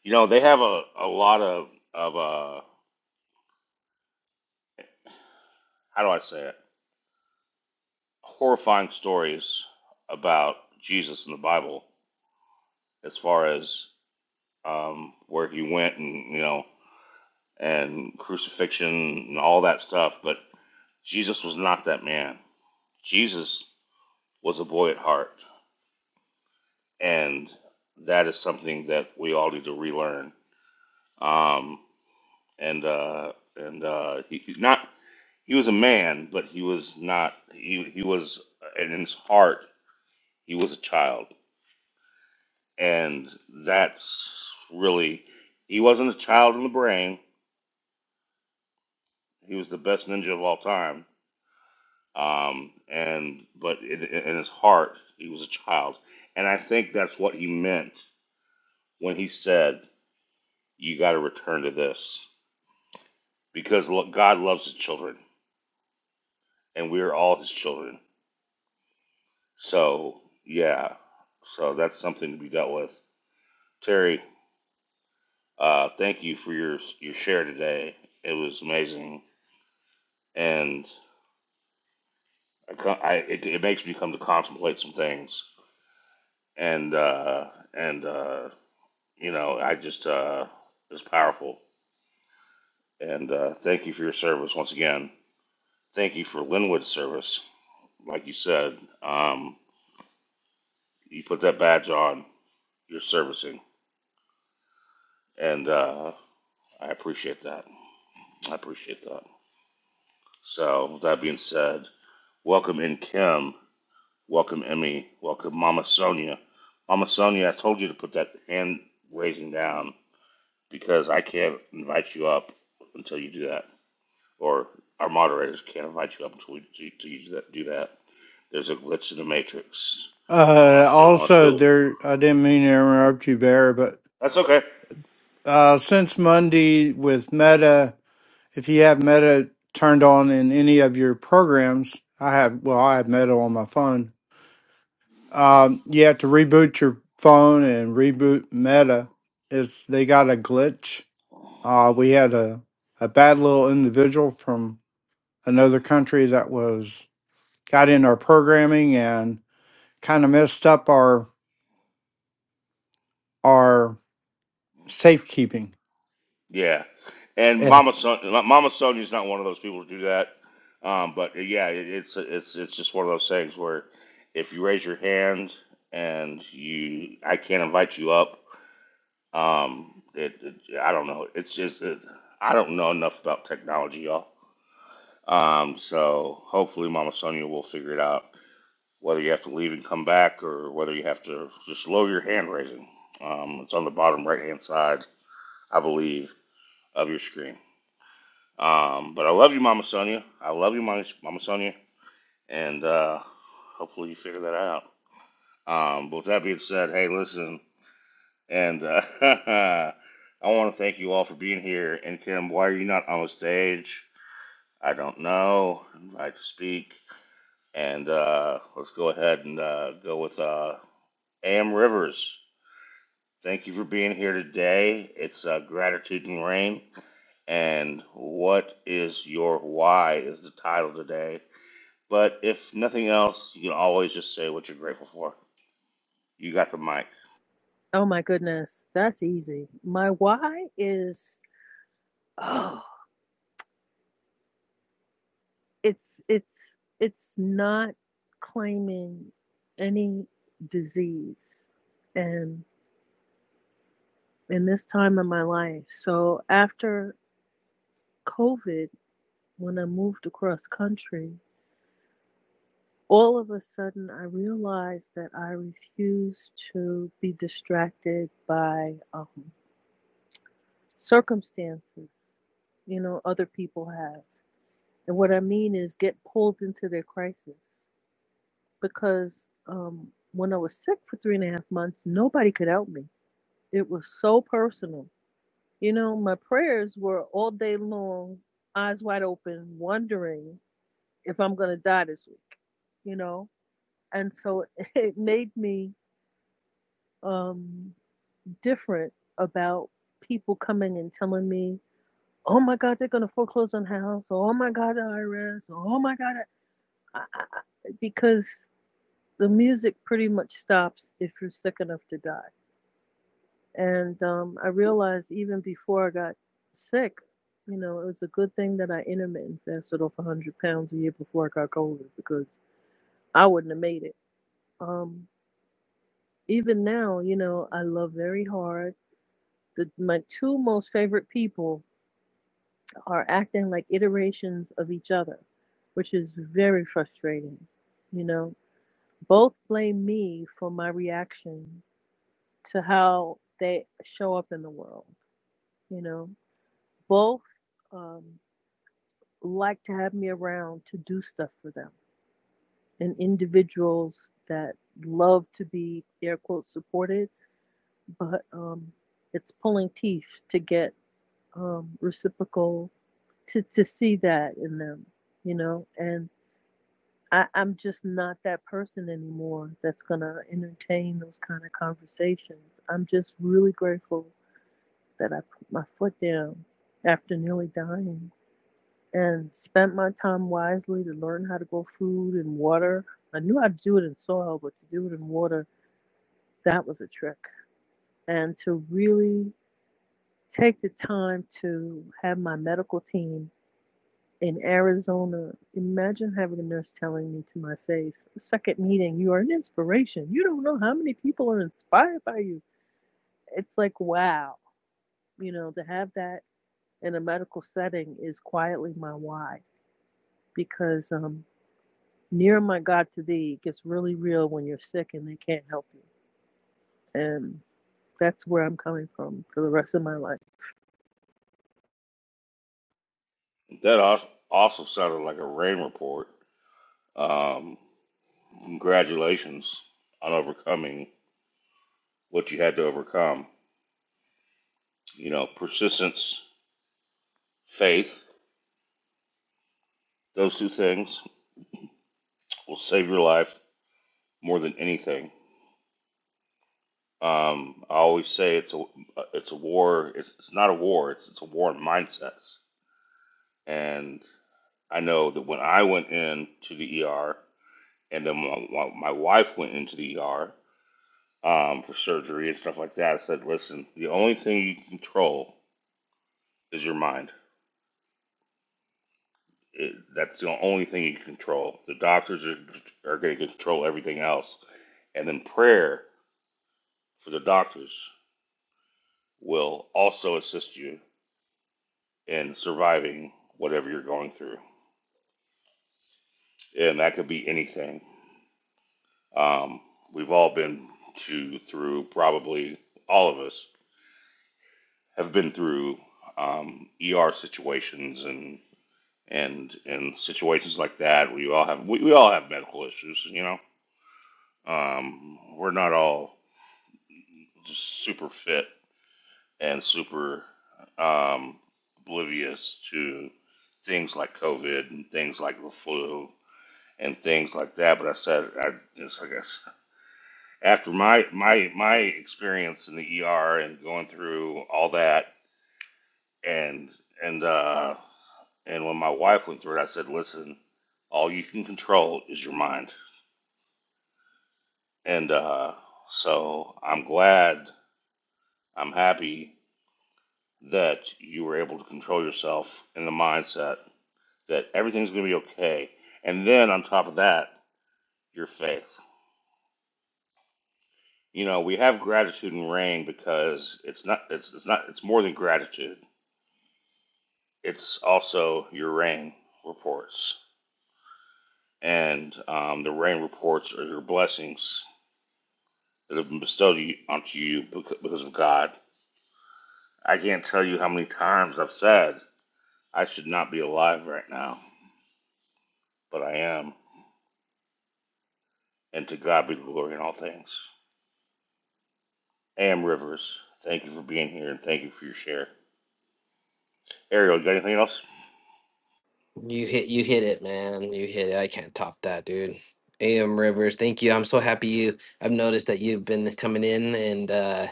Speaker 1: You know, they have a a lot of of uh how do I say it? horrifying stories about Jesus in the Bible, as far as um, where he went and you know and crucifixion and all that stuff. But Jesus was not that man. Jesus was a boy at heart, and that is something that we all need to relearn. Um, and uh, and uh, he, he's not he was a man, but he was not he he was and in his heart he was a child And that's really, he wasn't a child in the brain. He was the best ninja of all time. Um, and, but in, in his heart, he was a child. And I think that's what he meant when he said, you got to return to this because lo- God loves his children and we're all his children. So, yeah. So that's something to be dealt with. Terry, uh, thank you for your, your share today. It was amazing. And I, co- I it, it makes me come to contemplate some things, and uh, and uh, you know, I just uh, it's powerful. And uh, thank you for your service once again. Thank you for Linwood's service. Like you said, um, you put that badge on, you're servicing, and uh, I appreciate that. I appreciate that. So with that being said, welcome in Kim, welcome Emmy, welcome Mama Sonia. Mama Sonia, I told you to put that hand raising down because I can't invite you up until you do that, or our moderators can't invite you up until we do, you do that. Do that. There's a glitch in the matrix.
Speaker 6: Uh,
Speaker 1: I want to
Speaker 6: also,
Speaker 1: say
Speaker 6: there, I didn't mean to interrupt you, Bear, but
Speaker 1: that's okay.
Speaker 6: uh, since Monday with Meta, if you have Meta turned on in any of your programs, I have, well, I have Meta on my phone Um, you have to reboot your phone and reboot Meta. It's they got a glitch. Uh, we had a a bad little individual from another country that was got in our programming and kind of messed up our our safekeeping.
Speaker 1: Yeah, and
Speaker 6: It
Speaker 1: Mama Son- Mama Sonia's not one of those people to do that. Um, but yeah, it, it's it's it's just one of those things where if you raise your hand and you I can't invite you up. Um, it, it I don't know. It's just it, I don't know enough about technology, y'all. Um, so hopefully, Mama Sonia will figure it out whether you have to leave and come back or whether you have to just lower your hand raising. Um, it's on the bottom right hand side, I believe, of your screen. Um, but I love you, Mama Sonia. I love you, Mama Mama Sonia, and uh, hopefully you figure that out. Um, but with that being said, hey, listen, and uh, I want to thank you all for being here. And Kim, why are you not on the stage? I don't know. I'd like to speak. And uh, let's go ahead and uh, go with uh, Am Rivers. Thank you for being here today. It's uh, Gratitude and Rain. And what is your why is the title today. But if nothing else, you can always just say what you're grateful for. You got the mic.
Speaker 7: Oh my goodness, that's easy. My why is oh, it's it's it's not claiming any disease and in this time of my life. So after COVID, when I moved across country, all of a sudden I realized that I refused to be distracted by um, circumstances, you know, other people have. And what I mean is get pulled into their crisis because um, when I was sick for three and a half months, nobody could help me. It was so personal. You know, my prayers were all day long, eyes wide open, wondering if I'm going to die this week, you know? And so it made me um, different about people coming and telling me, oh my God, they're going to foreclose on the house. Oh my God, the IRS. Oh my God. I, I, because the music pretty much stops if you're sick enough to die. And um, I realized even before I got sick, you know, it was a good thing that I intermittent fasted off 100 pounds a year before I got COVID because I wouldn't have made it. Um, even now, you know, I love very hard. The, my two most favorite people are acting like iterations of each other, which is very frustrating. You know, both blame me for my reaction to how they show up in the world. You know, both um, like to have me around to do stuff for them, and individuals that love to be air quote supported, but um, it's pulling teeth to get um, reciprocal to to see that in them. You know, and I, I'm just not that person anymore that's gonna entertain those kind of conversations. I'm just really grateful that I put my foot down after nearly dying and spent my time wisely to learn how to grow food and water. I knew how to do it in soil, but to do it in water, that was a trick. And to really take the time to have my medical team in Arizona, imagine having a nurse telling me to my face, second meeting, you are an inspiration. You don't know how many people are inspired by you. It's like, wow, you know, to have that in a medical setting is quietly my why because um, near my God to thee it gets really real when you're sick and they can't help you. And that's where I'm coming from for the rest of my life.
Speaker 1: That al- also sounded like a rain report. Um, congratulations on overcoming what you had to overcome. You know, persistence, faith, those two things will save your life more than anything. Um, I always say it's a it's a war. It's, it's not a war. It's it's a war in mindsets. And I know that when I went into the ER, and then my, my wife went into the ER um, for surgery and stuff like that, I said, listen, the only thing you can control is your mind. It, that's the only thing you can control. The doctors are are going to control everything else, and then prayer for the doctors will also assist you and surviving whatever you're going through. And that could be anything. Um, we've all been to, through, probably all of us have been through um, ER situations and and and situations like that. We all have we, we all have medical issues, you know. Um, we're not all just super fit and super um, oblivious to things like COVID and things like the flu and things like that. But I said, I just, I guess, after my my my experience in the ER and going through all that, and and uh, and when my wife went through it, I said, listen, all you can control is your mind, and uh, so I'm glad, I'm happy that you were able to control yourself in the mindset that everything's going to be okay, and then on top of that, your faith. You know, we have gratitude and rain because it's not it's, it's not it's more than gratitude. It's also your rain reports, and um, the rain reports are your blessings that have been bestowed you, onto you becau- because of God. I can't tell you how many times I've said I should not be alive right now, but I am, and to God be the glory in all things. Am Rivers, thank you for being here and thank you for your share. Ariel, you got anything else?
Speaker 3: You hit, you hit it, man. You hit it. I can't top that, dude. Am Rivers, thank you. I'm so happy you. I've noticed that you've been coming in, and uh,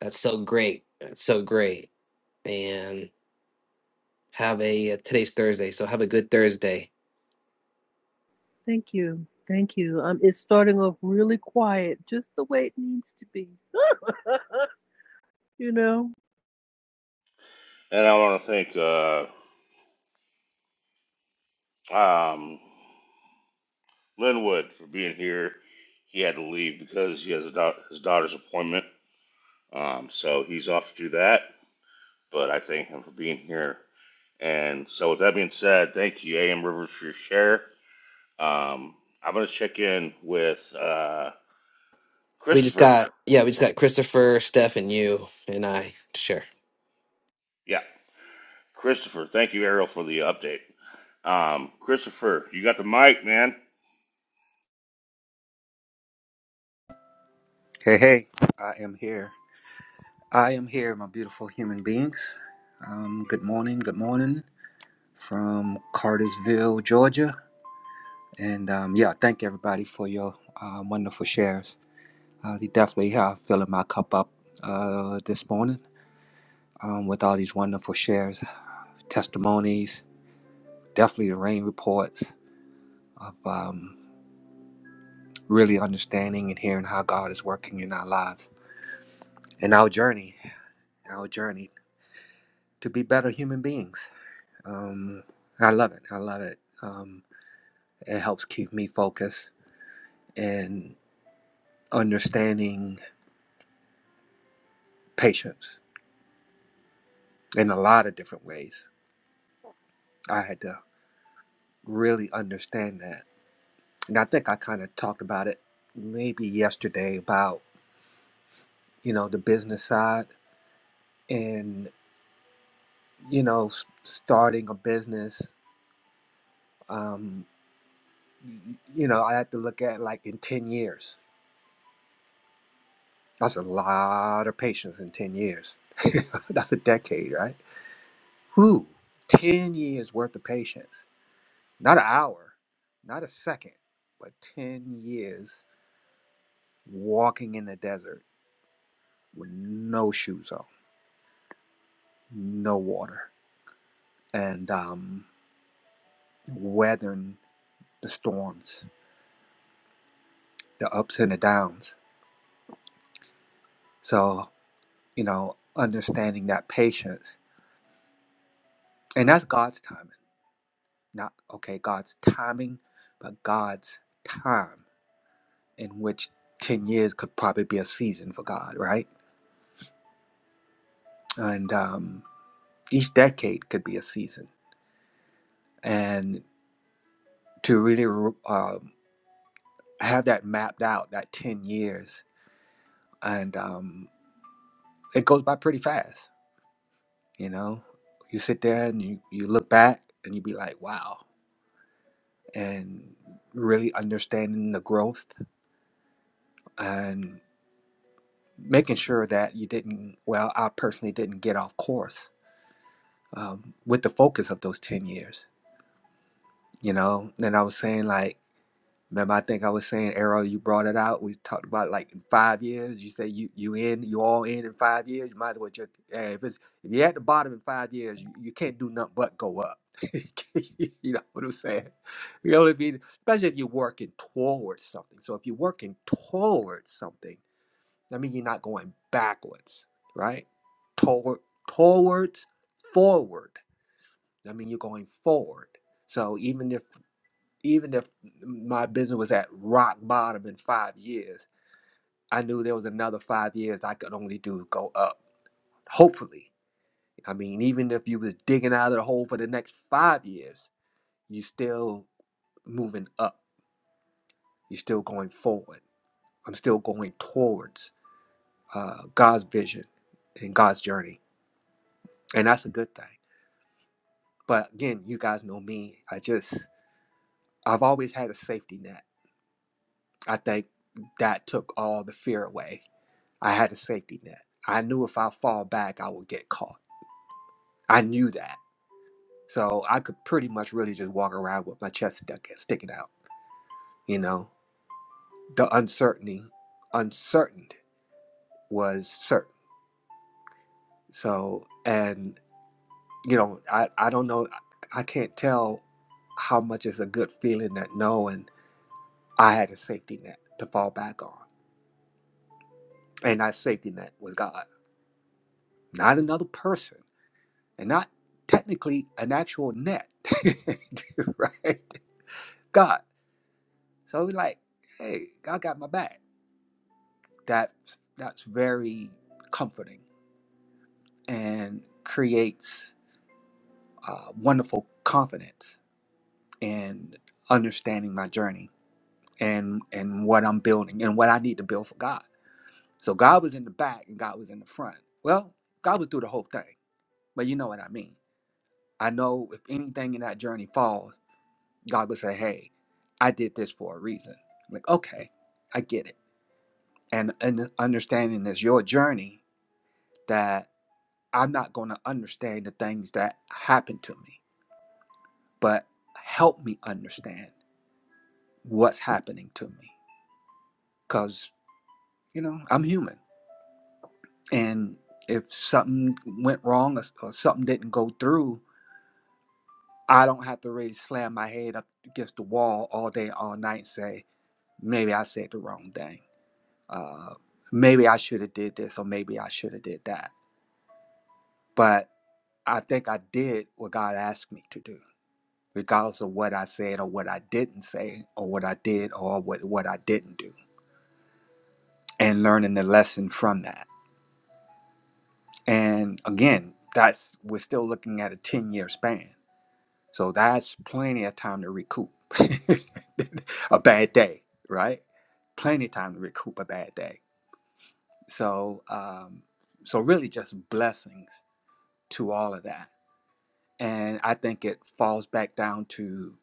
Speaker 3: that's so great. That's so great. And have a uh, today's Thursday, so have a good Thursday.
Speaker 7: Thank you. Thank you. Um, it's starting off really quiet, just the way it needs to be. you know,
Speaker 1: And I want to thank uh, um, Linwood for being here. He had to leave because he has a dau- his daughter's appointment. Um, so he's off to do that. But I thank him for being here. And so with that being said, thank you, A.M. Rivers, for your share. Um, I'm going to check in with uh,
Speaker 3: We just
Speaker 1: Christopher.
Speaker 3: got yeah, we just got Christopher, Steph, and you and I to share,
Speaker 1: Yeah, Christopher. Thank you, Ariel, for the update. Um, Christopher, you got the mic, man.
Speaker 8: Hey, hey, I am here. I am here, my beautiful human beings. Um, good morning, good morning from Cartersville, Georgia. And um, yeah, thank everybody for your um, wonderful shares. Uh, they definitely uh, filling my cup up uh, this morning um, with all these wonderful shares, testimonies, definitely the rain reports of um, really understanding and hearing how God is working in our lives and our journey, our journey to be better human beings Um, I love it. I love it. Um, it helps keep me focused and understanding patience in a lot of different ways. I had to really understand that. And I think I kind of talked about it maybe yesterday about, you know, the business side and, you know, s- starting a business. Um, y- you know, I had to look at like in 10 years. That's a lot of patience in 10 years. That's a decade, right? Who? 10 years worth of patience. Not an hour, not a second, but 10 years walking in the desert with no shoes on, no water, and um, weathering the storms, the ups and the downs. So, you know, understanding that patience. And that's God's timing. Not, okay, God's timing, but God's time, in which 10 years could probably be a season for God, right? And, um, each decade could be a season and to really um, have that mapped out that 10 years and um, it goes by pretty fast you know you sit there and you, you look back and you be like wow and really understanding the growth and making sure that you didn't well i personally didn't get off course um, with the focus of those 10 years you know and i was saying like Remember, I think I was saying, Arrow, you brought it out. We talked about like in five years. You say you you in, you all in in five years. You might as well just eh, if it's if you're at the bottom in five years, you, you can't do nothing but go up. you know what I'm saying? You know what I mean? Especially if you're working towards something. So if you're working towards something, that means you're not going backwards, right? Toward towards forward. That means you're going forward. So even if even if my business was at rock bottom in five years, I knew there was another five years I could only do go up. Hopefully, I mean, even if you was digging out of the hole for the next five years, you still moving up. You're still going forward. I'm still going towards uh, God's vision and God's journey, and that's a good thing. But again, you guys know me. I just I've always had a safety net. I think that took all the fear away I had a safety net. I knew if I fall back, I would get caught. I knew that. So I could pretty much really just walk around with my chest stuck, sticking out. You know, the uncertainty, uncertain was certain. So, and, you know, I, I don't know, I can't tell how much is a good feeling that knowing I had a safety net to fall back on. And that safety net was God, not another person, and not technically an actual net, right? God. So we like, hey, God got my back. That that's very comforting and creates uh, wonderful confidence in understanding my journey and and what I'm building and what I need to build for God. So God was in the back and God was in the front. Well, God was through the whole thing, but you know what I mean. I know if anything in that journey falls, God would say, "Hey, I did this for a reason." I'm like, okay, I get it and, and understanding is your journey that i'm not going to understand the things that happen to me but help me understand what's happening to me because you know i'm human and if something went wrong or, or something didn't go through i don't have to really slam my head up against the wall all day all night and say maybe i said the wrong thing uh, maybe i should have did this or maybe i should have did that but i think i did what god asked me to do regardless of what I said or what I didn't say or what I did or what, what I didn't do, and learning the lesson from that. And again, that's we're still looking at a 10 year span. So that's plenty of time to recoup a bad day, right? Plenty of time to recoup a bad day. So um, so really just blessings to all of that. And I think it falls back down to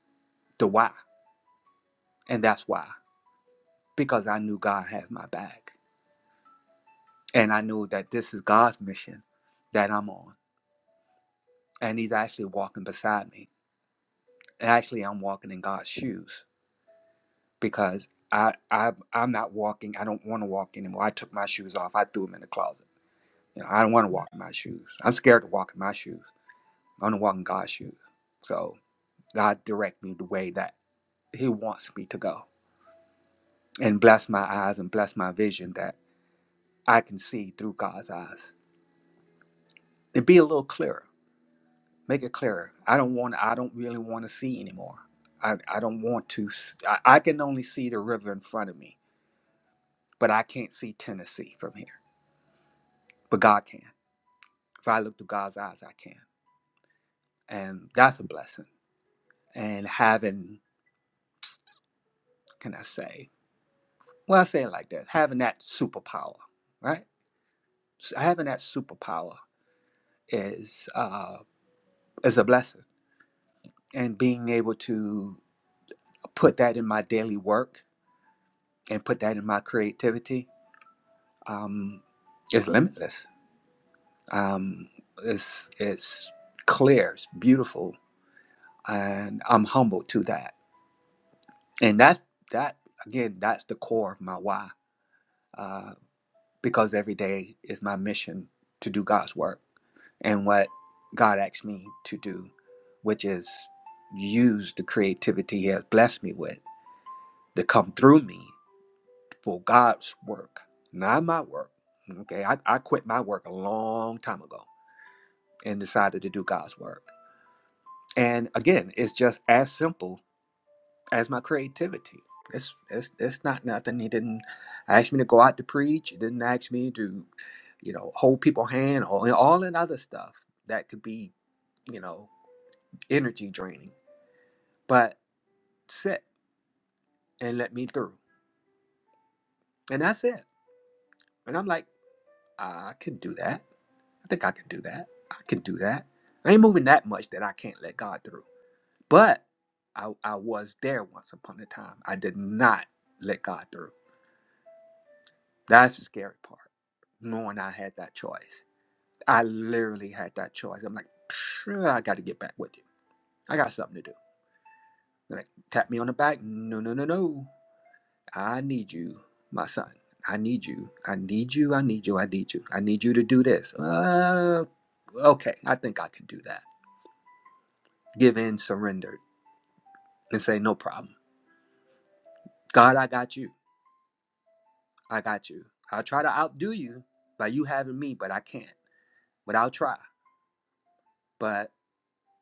Speaker 8: the why. And that's why. Because I knew God had my back And I knew that this is God's mission that I'm on. And He's actually walking beside me. And actually, I'm walking in God's shoes because I, I I'm not walking. I don't want to walk anymore. I took my shoes off. I threw them in the closet. You know, I don't want to walk in my shoes. I'm scared to walk in my shoes. I want to walk in God's shoes. So God direct me the way that He wants me to go, and bless my eyes and bless my vision that I can see through God's eyes and be a little clearer Make it clearer. I don't want. I don't really want to see anymore. I, I don't want to. s- I, I can only see the river in front of me, but I can't see Tennessee from here. But God can. If I look through God's eyes, I can, and that's a blessing. And having, can I say? Well, I say it like this: having that superpower, right? S- Having that superpower is uh, is a blessing, and being able to put that in my daily work and put that in my creativity um, it's limitless. Um, it's it's clear. It's beautiful, and I'm humble to that. And that's that again. That's the core of my why, uh, because every day is my mission to do God's work and what God asked me to do, which is use the creativity He has blessed me with to come through me for God's work, not my work. Okay, I, I quit my work a long time ago and decided to do God's work. And again, it's just as simple as my creativity. It's it's it's not nothing. He didn't ask me to go out to preach. He didn't ask me to, you know, hold people's hand or all that other stuff that could be, you know, energy draining. But sit and let me through. And that's it. And I'm like, I can do that. I think I can do that. I can do that. I ain't moving that much that I can't let God through But I, I was there once upon a time. I did not let God through. That's the scary part, knowing I had that choice. I literally had that choice. I'm like, "Phew, I got to get back with you. I got something to do. They're like, tap me on the back. No, no, no, no. I need you, my son. I need you. I need you. I need you. I need you. I need you to do this. Uh, okay, I think I can do that. Give in, surrender, and say, no problem. God, I got you. I got you. I'll try to outdo you by you having me, but I can't. But I'll try. But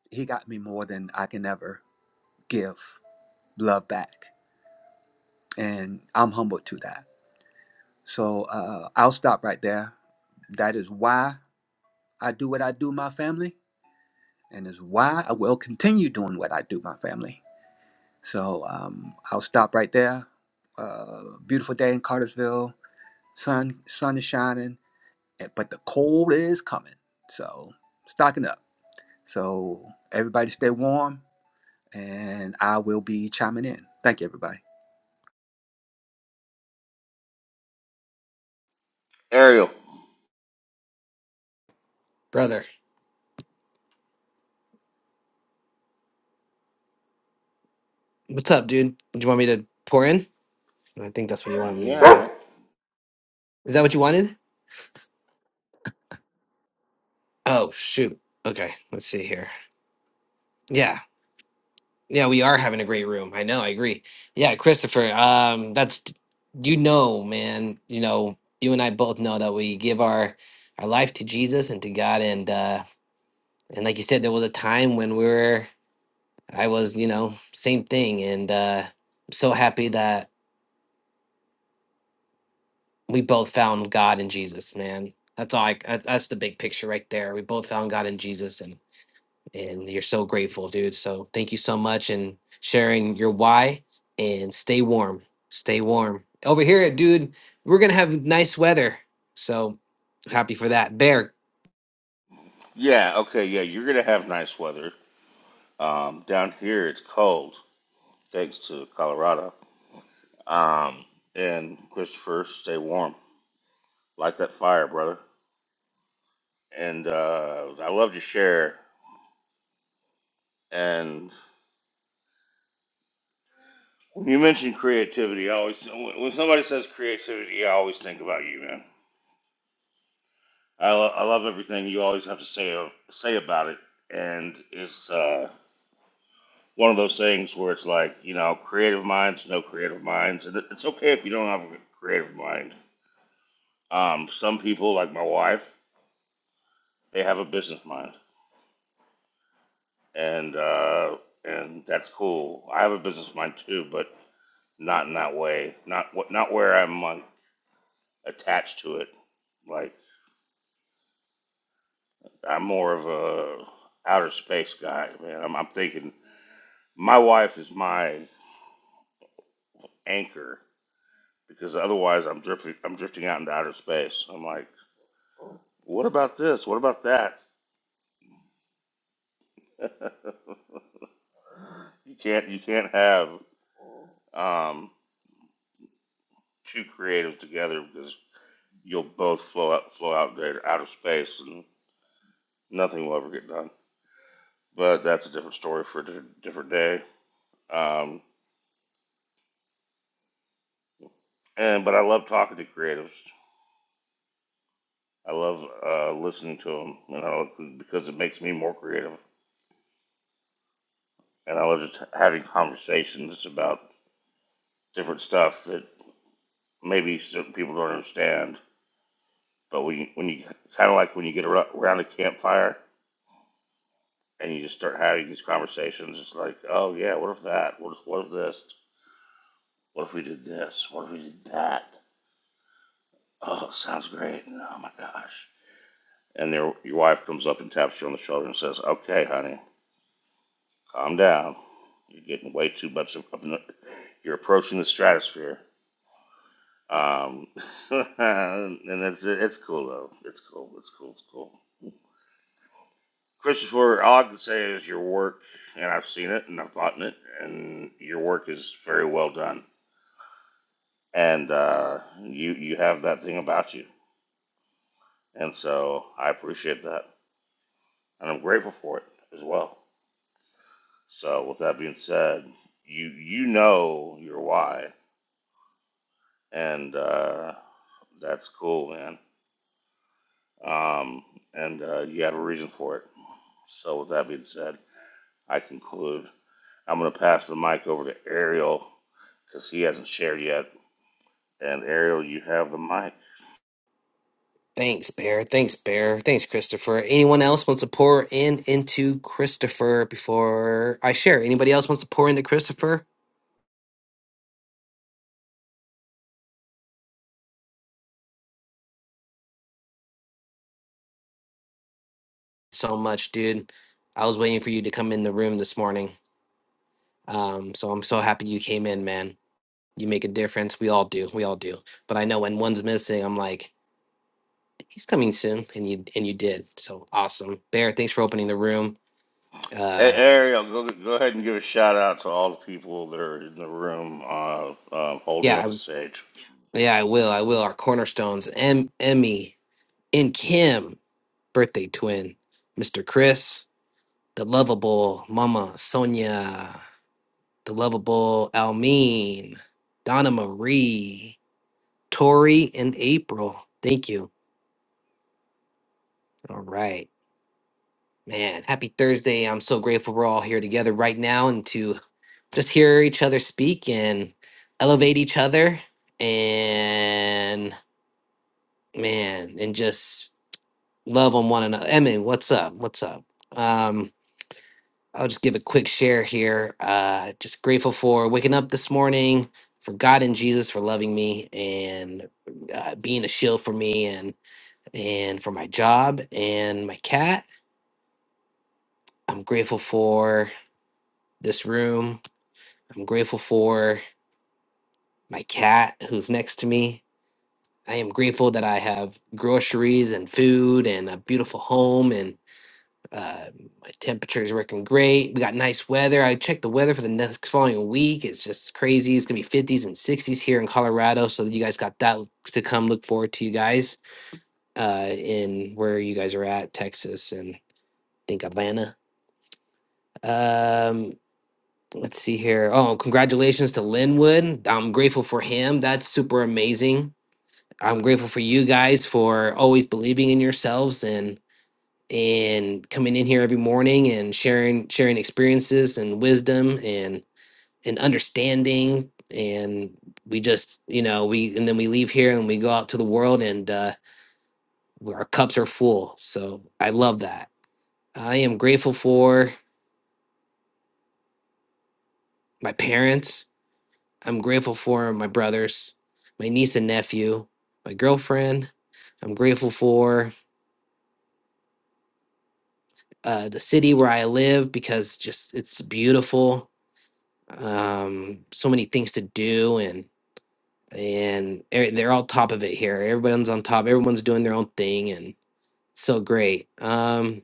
Speaker 8: he got me more than I can ever give love back. And I'm humbled to that. So uh, I'll stop right there. That is why I do what I do, my family, and is why I will continue doing what I do, my family. So um, I'll stop right there. Uh, beautiful day in Cartersville. Sun, sun is shining, but the cold is coming. So stocking up. So everybody stay warm, and I will be chiming in. Thank you, everybody.
Speaker 1: Ariel.
Speaker 3: brother. What's up, dude? Do you want me to pour in? I think that's what you wanted me to do.
Speaker 1: Yeah.
Speaker 3: Is that what you wanted? Oh, shoot. Okay, let's see here. Yeah. Yeah, we are having a great room. I know, I agree. Yeah, Christopher, um that's you know, man, you know, you and I both know that we give our our life to Jesus and to God and uh and like you said there was a time when we were I was, you know, same thing and uh I'm so happy that we both found God in Jesus, man. That's all. I, that- that's the big picture right there. We both found God in Jesus, and and you're so grateful, dude. So thank you so much and sharing your why. And stay warm. Stay warm over here, dude. We're gonna have nice weather, so happy for that. Bear,
Speaker 1: Yeah, okay, yeah, you're going to have nice weather. Um, down here, it's cold, thanks to Colorado. Um, and Christopher, stay warm. Light that fire, brother. And uh, I love to share. And when you mention creativity, I always when when somebody says creativity, I always think about you, man. I, lo- I love everything you always have to say uh, say about it, and it's uh, one of those things where it's like you know, creative minds, no creative minds, and it- it's okay if you don't have a creative mind. Um, some people, like my wife, they have a business mind and uh, and that's cool. I have a business mind too, but not in that way. Not wh- not where I'm like attached to it. Like I'm more of a outer space guy, man. I'm, I'm thinking my wife is my anchor because otherwise I'm drifting. I'm drifting out into outer space. I'm like, what about this? What about that? you can't you can't have um, two creatives together because you'll both flow out flow out there outer space and Nothing will ever get done. But that's a different story for a different day. Um, and but I love talking to creatives. I love uh, listening to them, you know, because it makes me more creative. And I love just having conversations about different stuff that maybe certain people don't understand. But when you, when you kind of like when you get around a campfire and you just start having these conversations, it's like, oh yeah, what if that? What if, what if this? What if we did this? What if we did that? Oh, sounds great. Oh my gosh. and their, your wife comes up and taps you on the shoulder and says, "Okay, honey, calm down. You're getting way too much. Of, you're approaching the stratosphere." Um, and it's it's cool though. It's cool. It's cool. It's cool. Christopher, all I can say is your work, and I've seen it and I've bought it, and your work is very well done. And uh, you you have that thing about you, and so I appreciate that, and I'm grateful for it as well. So with that being said, you you know your why, and uh, that's cool, man. Um, and uh, you have a reason for it. So with that being said, I conclude. I'm gonna pass the mic over to Ariel because he hasn't shared yet. And Ariel, you have the mic.
Speaker 3: thanks, Bear. Thanks, Bear. Thanks, Christopher. Anyone else wants to pour in into Christopher before I share? Anybody else wants to pour into Christopher? So much, dude. I was waiting for you to come in the room this morning. Um, so I'm so happy you came in, man. You make a difference. We all do. We all do. But I know when one's missing, I'm like, he's coming soon, and you and you did. So awesome, Bear. Thanks for opening the room.
Speaker 1: Hey,
Speaker 3: Uh,
Speaker 1: Ariel, go go ahead and give a shout out to all the people that are in the room uh, uh, holding
Speaker 3: yeah,
Speaker 1: up the
Speaker 3: I,
Speaker 1: stage.
Speaker 3: yeah, I will. I will. Our cornerstones, em, Emmy and Kim, birthday twin, Mr. Chris, the lovable Mama Sonia, the lovable Almeen, Donna Marie, Tori, and April. Thank you. All right. Man, happy Thursday. I'm so grateful we're all here together right now and to just hear each other speak and elevate each other and man, and just love on one another. Emmy, what's up? What's up? Um, I'll just give a quick share here. Uh just grateful for waking up this morning, for God and Jesus for loving me and uh, being a shield for me and and for my job and my cat. I'm grateful for this room I'm grateful for my cat who's next to me. I am grateful that I have groceries and food and a beautiful home and uh, my temperature is working great. We got nice weather. I checked the weather for the next following week. It's just crazy. It's gonna be 50s and 60s here in Colorado. So you guys got that to come. Look forward to you guys uh, in where you guys are at, Texas and I think Atlanta. Um, let's see here. Oh, congratulations to Linwood. I'm grateful for him. That's super amazing I'm grateful for you guys for always believing in yourselves and and coming in here every morning and sharing sharing experiences and wisdom and and understanding and we just you know we and then we leave here and we go out to the world and uh our cups are full so i love that i am grateful for my parents i'm grateful for my brothers my niece and nephew my girlfriend i'm grateful for uh, the city where I live because just it's beautiful. Um, so many things to do, and and e- they're all top of it here. Everyone's on top. Everyone's doing their own thing, and it's so great. Um,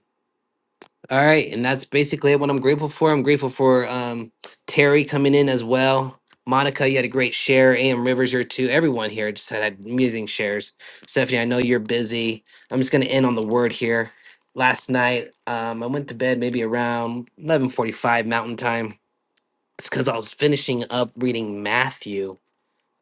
Speaker 3: all right, and that's basically what I'm grateful for. I'm grateful for um, Terry coming in as well. Monica, you had a great share. AM Rivers, here too. Everyone here just had, had amazing shares. Stephanie, I know you're busy. I'm just going to end on the word here. Last night, um, I went to bed maybe around 11:45 Mountain Time. It's because I was finishing up reading Matthew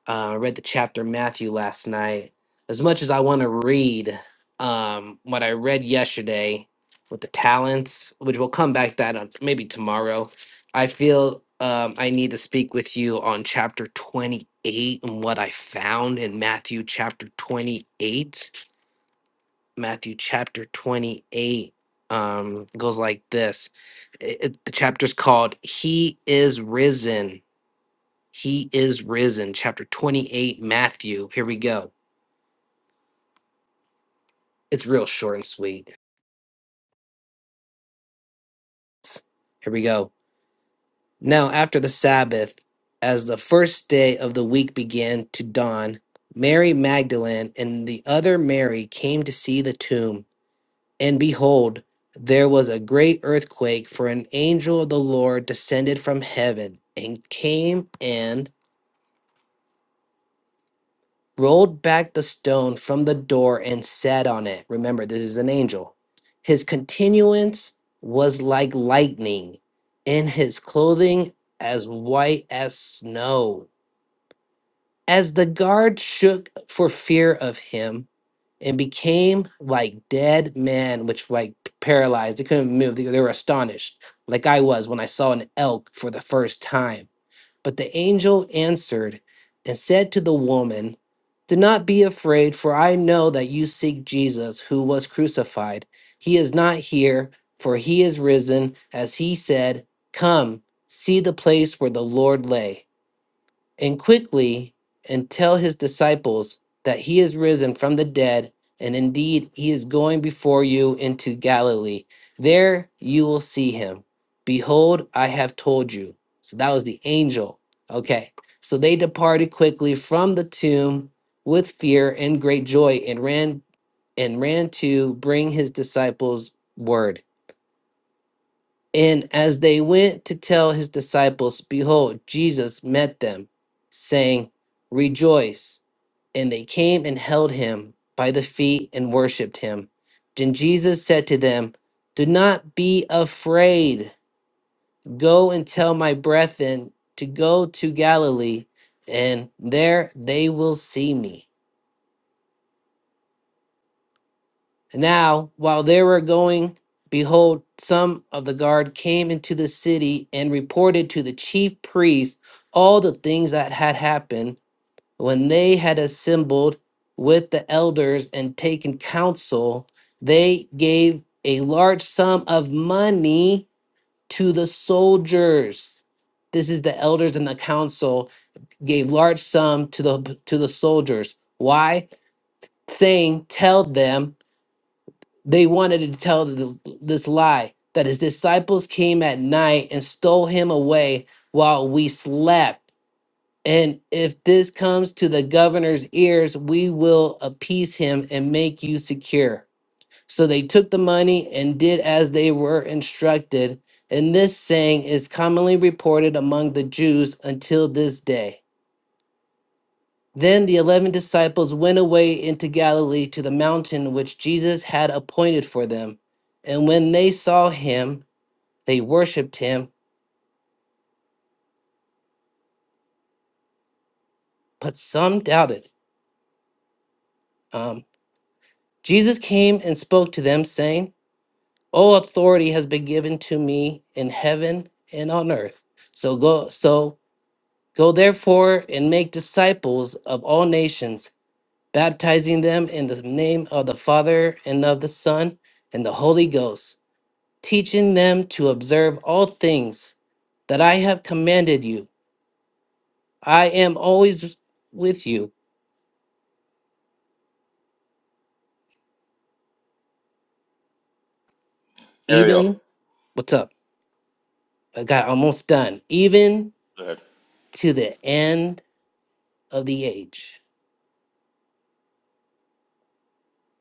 Speaker 3: uh, I read the chapter in Matthew last night. As much as I want to read um, what I read yesterday with the talents, which we'll come back to that on maybe tomorrow, I feel um, I need to speak with you on chapter 28 and what I found in Matthew chapter 28. Matthew chapter 28 um, goes like this. It, it- the chapter's called He is Risen he is risen, chapter 28, Matthew. Here we go. It's real short and sweet. Here we go. Now, after the Sabbath, as the first day of the week began to dawn, Mary Magdalene and the other Mary came to see the tomb. And behold, there was a great earthquake, for an angel of the Lord descended from heaven and came and rolled back the stone from the door and sat on it. Remember, this is an angel. His continuance was like lightning, and his clothing as white as snow. As the guard shook for fear of him and became like dead men, which like paralyzed, they couldn't move. They, they were astonished, like I was when I saw an elk for the first time. But the angel answered and said to the woman, Do not be afraid, for I know that you seek Jesus who was crucified. He is not here, for he is risen, as he said, Come, see the place where the Lord lay and quickly and tell his disciples that he is risen from the dead, and indeed he is going before you into Galilee. There you will see him. Behold, I have told you. So that was the angel. Okay. So they departed quickly from the tomb with fear and great joy and ran and ran to bring his disciples word. And as they went to tell his disciples, behold, Jesus met them, saying, Rejoice. And they came and held him by the feet and worshipped him. Then Jesus said to them, Do not be afraid. Go and tell my brethren to go to Galilee, and there they will see me. Now, while they were going, behold, some of the guard came into the city and reported to the chief priests all the things that had happened. When they had assembled with the elders and taken counsel, they gave a large sum of money to the soldiers. This is the elders and the council gave large sum to the to the soldiers. Why? Saying, "Tell them." They wanted to tell the, this lie that his disciples came at night and stole him away while we slept. And if this comes to the governor's ears, we will appease him and make you secure. So they took the money and did as they were instructed. And this saying is commonly reported among the Jews until this day. Then the eleven disciples went away into Galilee to the mountain which Jesus had appointed for them. And when they saw him, they worshipped him, but some doubted. Um, Jesus came and spoke to them, saying, All authority has been given to me in heaven and on earth. So go, so go therefore and make disciples of all nations, baptizing them in the name of the Father and of the Son and the Holy Ghost teaching them to observe all things that I have commanded you. I am always with you,
Speaker 1: Ariel,
Speaker 3: even what's up? I got almost done, even
Speaker 1: go ahead.
Speaker 3: to the end of the age.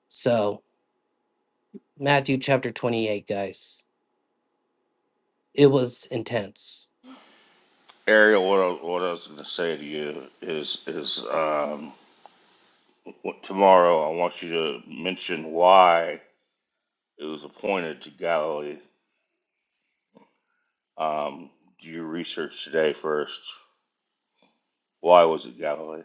Speaker 3: So, Matthew chapter 28, guys, it was intense.
Speaker 1: Ariel, what I, what I was going to say to you is is um, what- tomorrow I want you to mention why it was appointed to Galilee. Um, do your research today first. Why was it Galilee?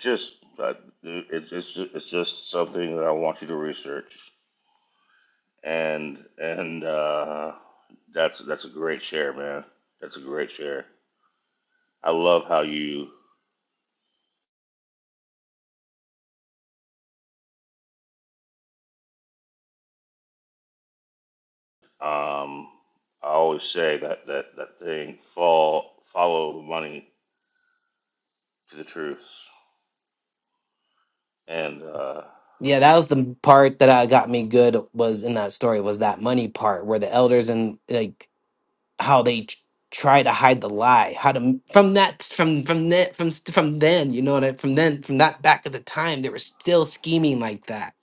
Speaker 1: Just uh, it, it's it's just something that I want you to research, and and uh, that's that's a great share, man. That's a great share. I love how you Um, I always say that that that thing fall follow the money to the truth, and uh,
Speaker 3: Yeah, that was the part that uh, got me good was in that story was that money part where the elders and like how they tr- try to hide the lie how to m- from that from from that from st- from then you know what I, from then from that back at the time they were still scheming like that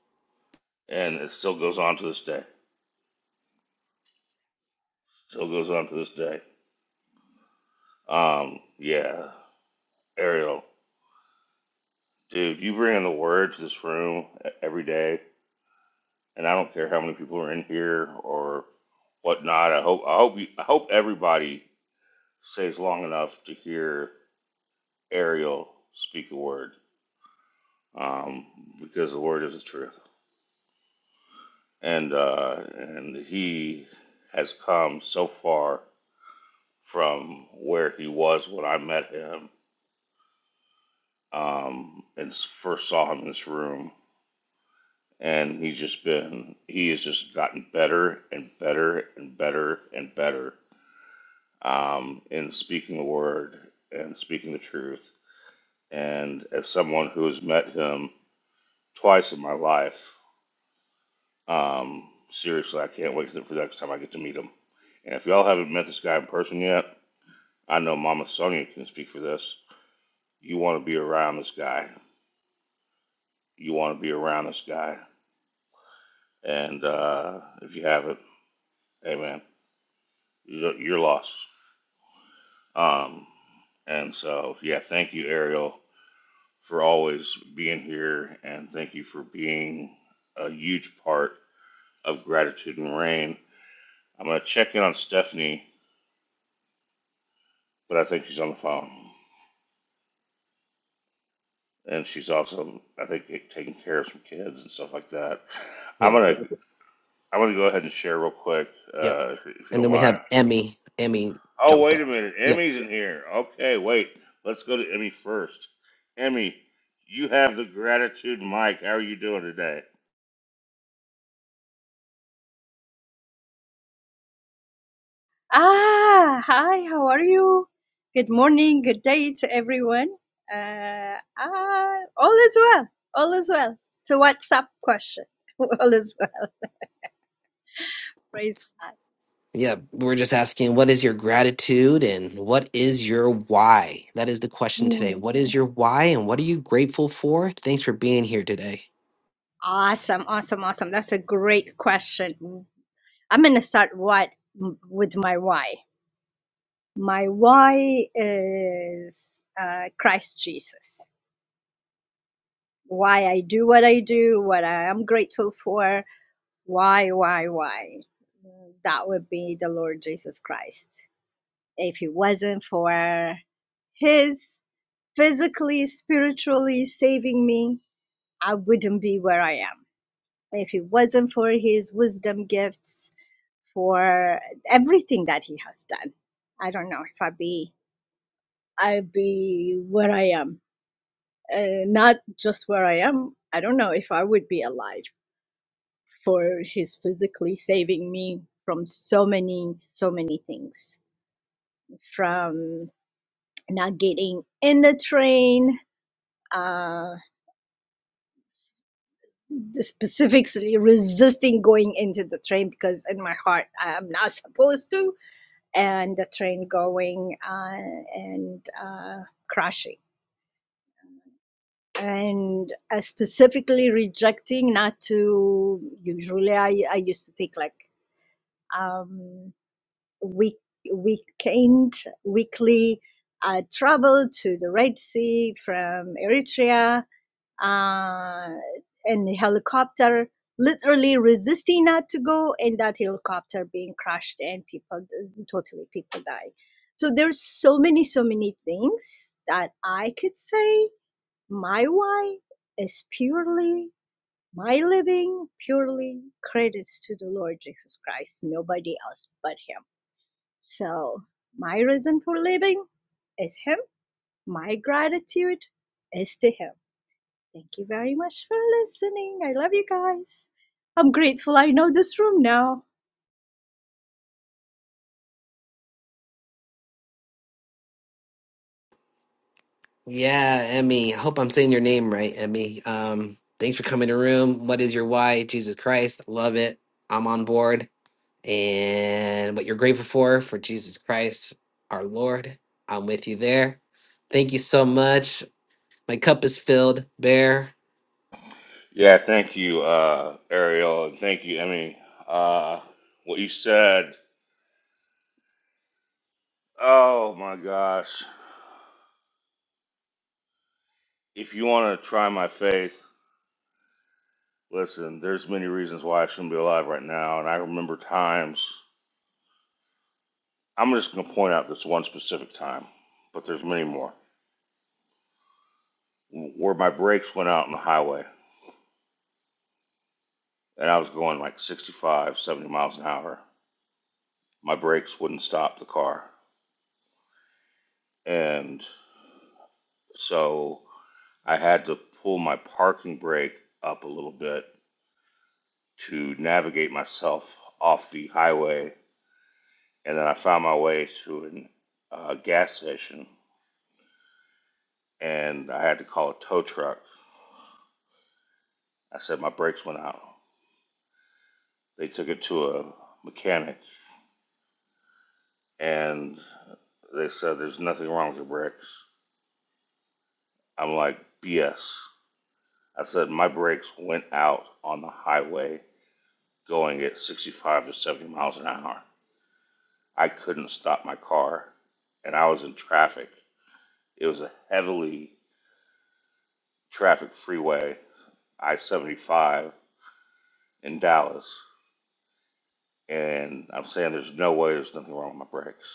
Speaker 1: and it still goes on to this day. Still goes on to this day. Um, yeah, Ariel, dude, you bring in the word to this room e- every day, and I don't care how many people are in here or whatnot. I hope I hope you, I hope everybody stays long enough to hear Ariel speak the word, um, because the word is the truth. and uh, and he has come so far from where he was when I met him um, and s- first saw him in this room, and he's just been he has just gotten better and better and better and better um, in speaking the word and speaking the truth. And as someone who has met him twice in my life, um, seriously, I can't wait for the next time I get to meet him. And if y'all haven't met this guy in person yet, I know Mama Sonia can speak for this. You want to be around this guy. You want to be around this guy. And uh, if you haven't, hey man, you're lost. Um, and so, yeah, thank you, Ariel, for always being here. And thank you for being a huge part of Gratitude and Rain. I'm going to check in on Stephanie, but I think she's on the phone. And she's also, I think, taking care of some kids and stuff like that. I'm
Speaker 3: yeah
Speaker 1: gonna I'm going to go ahead and share real quick,
Speaker 3: yep
Speaker 1: uh, if, if you
Speaker 3: and
Speaker 1: don't
Speaker 3: then we
Speaker 1: mind.
Speaker 3: have emmy emmy
Speaker 1: Oh,
Speaker 3: jumped
Speaker 1: wait
Speaker 3: up
Speaker 1: a minute.
Speaker 3: yeah
Speaker 1: Emmy's in here. Okay, wait. Let's go to Emmy first. Emmy, you have the gratitude mic. How are you doing today?
Speaker 9: Ah, hi, how are you? Good morning, good day to everyone. Uh, ah, all is well, all is well. To what's up question? All is well. Praise God.
Speaker 3: yeah we're just asking what is your gratitude and what is your why that is the question today
Speaker 9: Hmm.
Speaker 3: what is your why and what are you grateful for thanks for being here today
Speaker 9: Awesome, awesome, awesome. That's a great question. Mm. I'm going to start what with my why. My why is uh, Christ Jesus. Why I do what I do, what I am grateful for, Why, why, why? That would be the Lord Jesus Christ. If it wasn't for His physically, spiritually saving me, I wouldn't be where I am. If it wasn't for His wisdom gifts, for everything that He has done, I don't know if I'd be, I'd be where I am. Uh, not just where I am. I don't know if I would be alive for his physically saving me from so many so many things from not getting in the train uh specifically resisting going into the train because in my heart i'm not supposed to and the train going uh, and uh crashing and uh, specifically rejecting not to usually i i used to take like um week weekend weekly uh, travel to the Red Sea from Eritrea uh, in a helicopter, literally resisting not to go, and that helicopter being crashed and people totally people die. So there's so many so many things that I could say. My why is purely my living, purely credits to the Lord Jesus Christ, nobody else but Him so, my reason for living is him. My gratitude is to him. Thank you very much for listening. I love you guys. I'm grateful I know this room now.
Speaker 3: Yeah, Emmy. I hope I'm saying your name right, Emmy. Um, thanks for coming to room. What is your why? Jesus Christ. Love it. I'm on board. And what you're grateful for, for Jesus Christ, our Lord. I'm with you there. Thank you so much. My cup is filled, Bear.
Speaker 1: Yeah, thank you, uh, Ariel, and thank you, Emmy. Uh, what you said, oh my gosh. If you want to try my faith, listen, there's many reasons why I shouldn't be alive right now, and I remember times. I'm just going to point out this one specific time, but there's many more. where my brakes went out on the highway and I was going like 65, 70 miles an hour. My brakes wouldn't stop the car. And so I had to pull my parking brake up a little bit to navigate myself off the highway. And then I found my way to a uh, gas station and I had to call a tow truck. I said my brakes went out. They took it to a mechanic and they said there's nothing wrong with your brakes I'm like, BS. I said, my brakes went out on the highway going at 65 to 70 miles an hour. I couldn't stop my car, and I was in traffic. It was a heavily traffic freeway, I 75 in Dallas. And I'm saying there's no way there's nothing wrong with my brakes.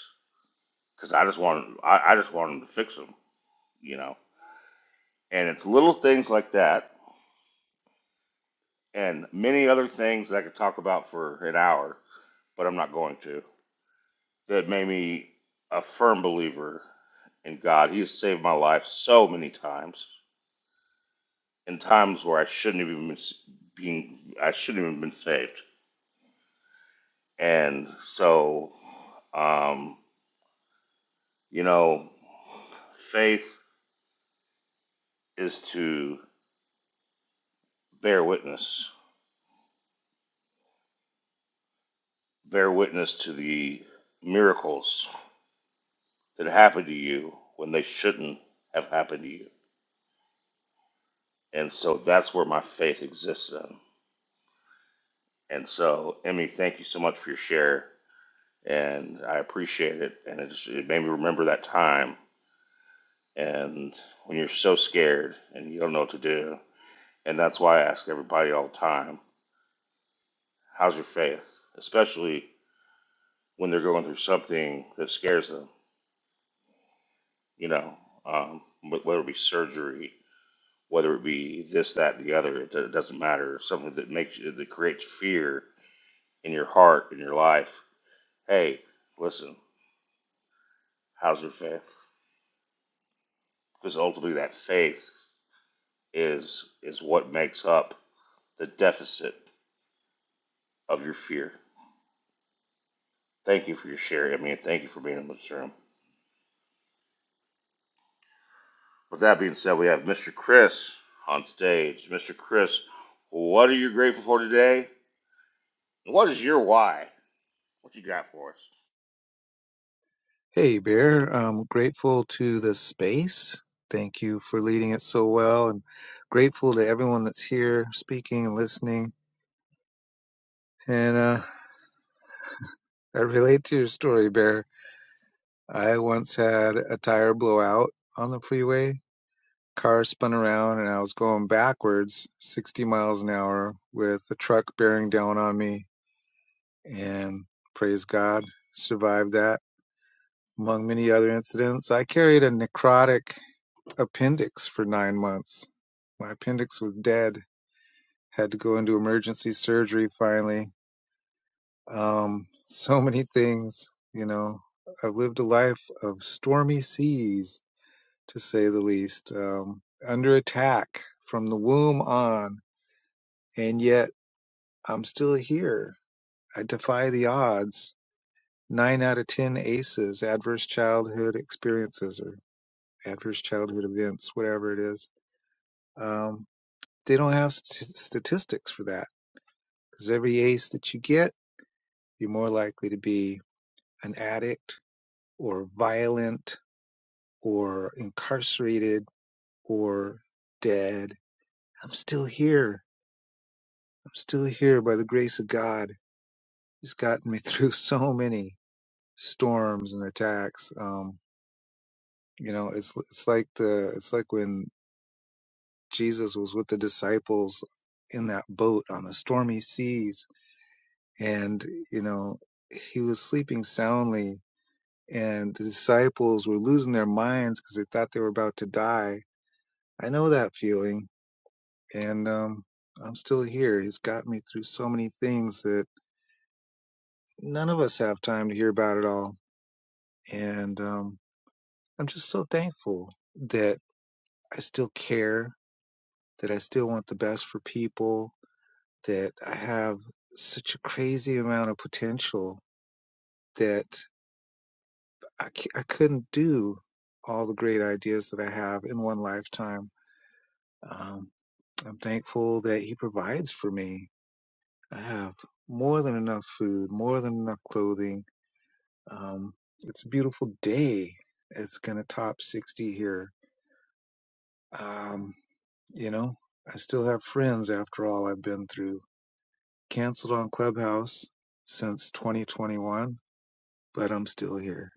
Speaker 1: Because I just want, I, I just want them to fix them, you know? And it's little things like that, and many other things that I could talk about for an hour, but I'm not going to. that made me a firm believer in God. He has saved my life so many times in times where I shouldn't even been being I shouldn't even been saved. And so, um, you know, faith is to bear witness, bear witness to the miracles that happen to you when they shouldn't have happened to you. And so that's where my faith exists in. And so, Emmy, thank you so much for your share. and I appreciate it. And it, just, it made me remember that time. And when you're so scared and you don't know what to do, and that's why I ask everybody all the time, "How's your faith?" Especially when they're going through something that scares them. You know, um, whether it be surgery, whether it be this, that, and the other, it, it doesn't matter. Something that makes you, that creates fear in your heart in your life. Hey, listen, how's your faith? Because ultimately, that faith. is is what makes up the deficit of your fear. Thank you for your share, I mean, thank you for being in this room. With that being said, we have Mr. Chris on stage. Mr. Chris, what are you grateful for today? What is your why? What you got for us?
Speaker 10: Hey, Bear. I'm grateful to the space. Thank you for leading it so well, and grateful to everyone that's here speaking and listening. And uh, I relate to your story, Bear. I once had a tire blowout on the freeway. Car spun around, and I was going backwards 60 miles an hour with a truck bearing down on me. And praise God, survived that. Among many other incidents, I carried a necrotic appendix for nine months. My appendix was dead. Had to go into emergency surgery finally. Um, so many things, you know. I've lived a life of stormy seas, to say the least, um, under attack from the womb on, and yet I'm still here. I defy the odds. Nine out of ten ACEs, adverse childhood experiences or adverse childhood events, whatever it is. Um, They don't have st- statistics for that because every ace that you get, you're more likely to be an addict or violent or incarcerated or dead. I'm still here. I'm still here by the grace of God. He's gotten me through so many storms and attacks. Um, you know, it's it's like the it's like when Jesus was with the disciples in that boat on the stormy seas, and you know he was sleeping soundly and the disciples were losing their minds because they thought they were about to die. I know that feeling, and um, I'm still here. He's got me through so many things that none of us have time to hear about it all. And um, I'm just so thankful that I still care, that I still want the best for people, that I have such a crazy amount of potential that I, c- I couldn't do all the great ideas that I have in one lifetime. Um, I'm thankful that He provides for me. I have more than enough food, more than enough clothing. Um, it's a beautiful day. It's going to top 60 here. Um, you know, I still have friends after all I've been through. Canceled on Clubhouse since 2021, but I'm still here,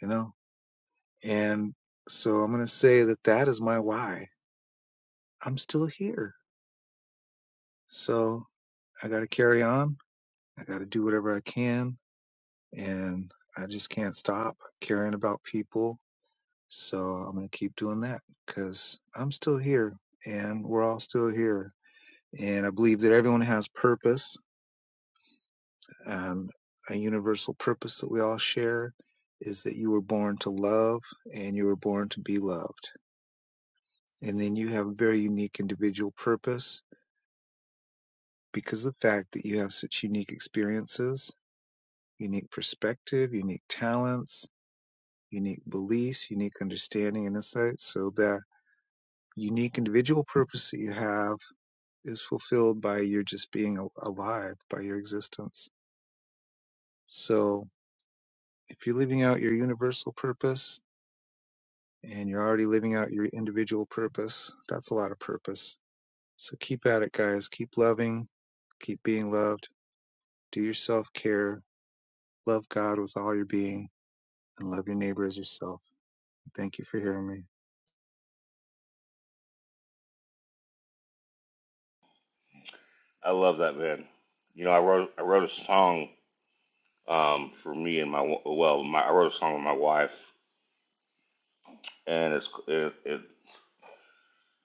Speaker 10: you know? And so I'm going to say that that is my why. I'm still here. So I got to carry on. I got to do whatever I can and I just can't stop caring about people. So I'm going to keep doing that because I'm still here and we're all still here. And I believe that everyone has purpose. Um, a universal purpose that we all share is that you were born to love and you were born to be loved. And then you have a very unique individual purpose because of the fact that you have such unique experiences, unique perspective, unique talents, unique beliefs, unique understanding and insights. So that unique individual purpose that you have is fulfilled by your just being alive, by your existence. So if you're living out your universal purpose and you're already living out your individual purpose, that's a lot of purpose. So keep at it, guys. Keep loving, keep being loved, do your self care, love God with all your being, and love your neighbor as yourself. Thank you for hearing me.
Speaker 1: I love that man. You know, I wrote I wrote a song um, for me and my well, my, I wrote a song with my wife, and it's it, it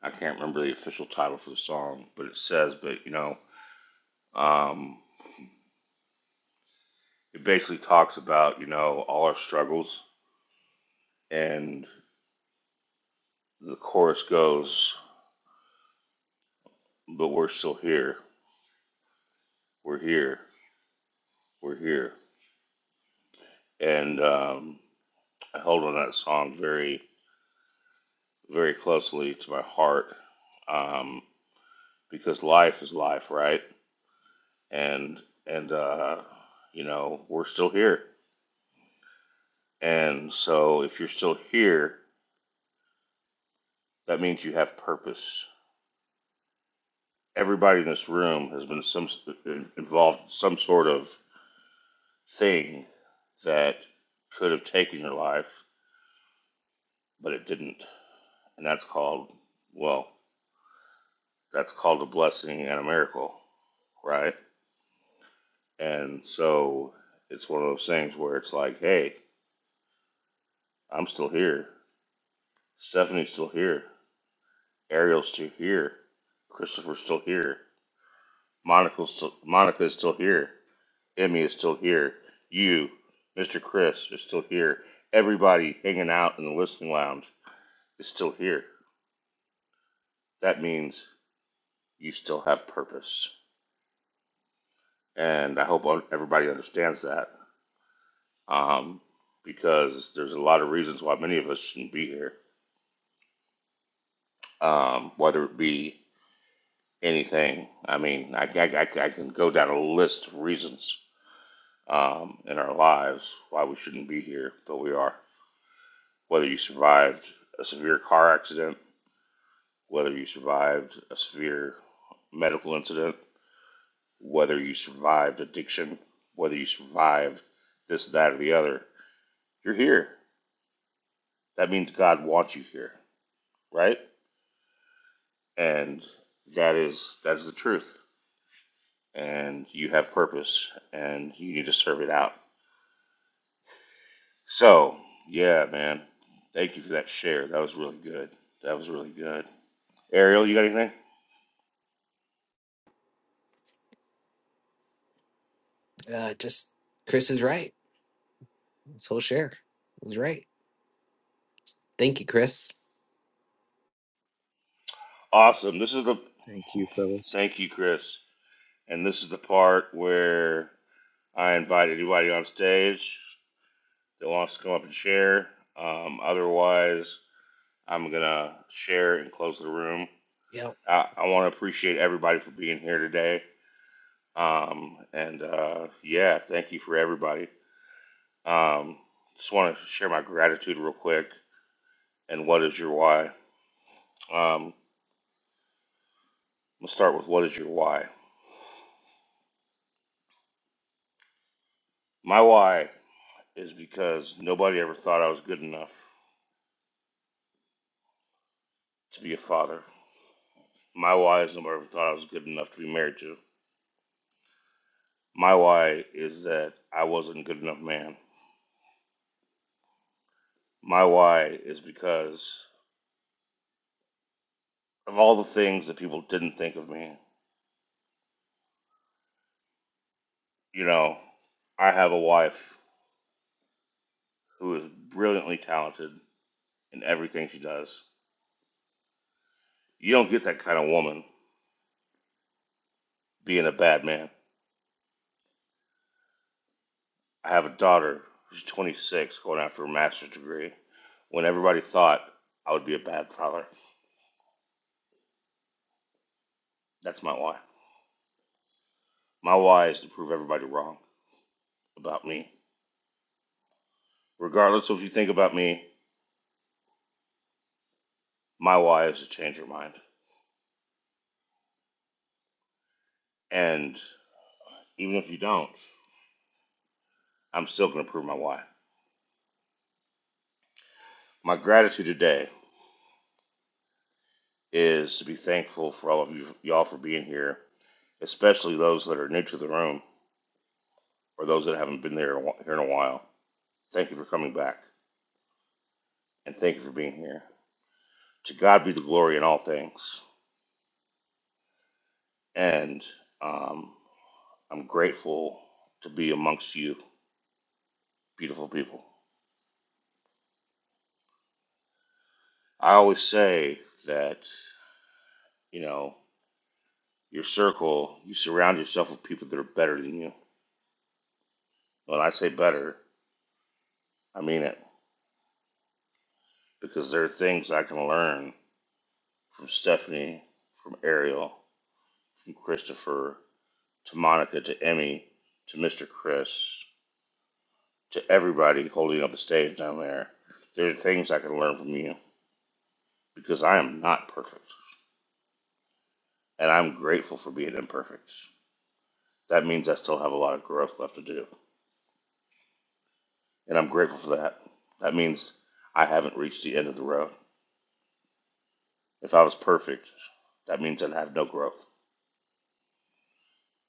Speaker 1: I can't remember the official title for the song, but it says, but you know, um, it basically talks about, you know, all our struggles. And the chorus goes, but we're still here. We're here. We're here. And um, I held on that song very, very closely to my heart um, because life is life, right? And, and, uh, you know, we're still here. And so if you're still here, that means you have purpose. Everybody in this room has been some involved in some sort of thing that could have taken your life, but it didn't. And that's called, well, that's called a blessing and a miracle, right? And so it's one of those things where it's like, hey, I'm still here. Stephanie's still here. Ariel's still here. Christopher's still here. Monica's still, Monica is still here. Emmy is still here. You, Mr. Chris, is still here. Everybody hanging out in the listening lounge is still here. That means you still have purpose. And I hope everybody understands that um, because there's a lot of reasons why many of us shouldn't be here, um, whether it be anything. I mean, I, I, I- I can go down a list of reasons um, in our lives why we shouldn't be here, but we are. Whether you survived a severe car accident, whether you survived a severe medical incident, whether you survived addiction, whether you survived this, that, or the other, you're here That means God wants you here, right? And that is that is the truth. And you have purpose, and you need to serve it out. So, yeah, man. Thank you for that share. That was really good. That was really good. Ariel, you got anything?
Speaker 3: Uh, just Chris is right. This whole share is right. Thank you, Chris.
Speaker 1: Awesome. This is the
Speaker 10: Thank you, fellas.
Speaker 1: thank you, Chris. And this is the part where I invite anybody on stage that wants to come up and share. Um, otherwise, I'm gonna share and close the room.
Speaker 3: Yep.
Speaker 1: I, I want to appreciate everybody for being here today. Um, and uh, yeah, thank you for everybody. Um, just want to share my gratitude real quick. And what is your why? Um, let's start with what is your why? My why is because nobody ever thought I was good enough to be a father. My why is nobody ever thought I was good enough to be married to. My why is that I wasn't a good enough man. My why is because of all the things that people didn't think of me You know, I have a wife who is brilliantly talented in everything she does. You don't get that kind of woman being a bad man. I have a daughter who's 26 going after a master's degree when everybody thought I would be a bad father. That's my why. My why is to prove everybody wrong about me. Regardless of what you think about me, my why is to change your mind. And even if you don't, I'm still going to prove my why. My gratitude today is to be thankful for all of you, y'all for being here especially those that are new to the room or those that haven't been there here in a while. Thank you for coming back, and thank you for being here. To God be the glory in all things, and um, I'm grateful to be amongst you, beautiful people. I always say that you know your circle, you surround yourself with people that are better than you. When I say better, I mean it because there are things I can learn from Stephanie, from Ariel, from Christopher, to Monica, to Emmy, to Mr. Chris, to everybody holding up the stage down there. There are things I can learn from you because I am not perfect, and I'm grateful for being imperfect. That means I still have a lot of growth left to do, and I'm grateful for that. That means I haven't reached the end of the road. If I was perfect, that means I'd have no growth.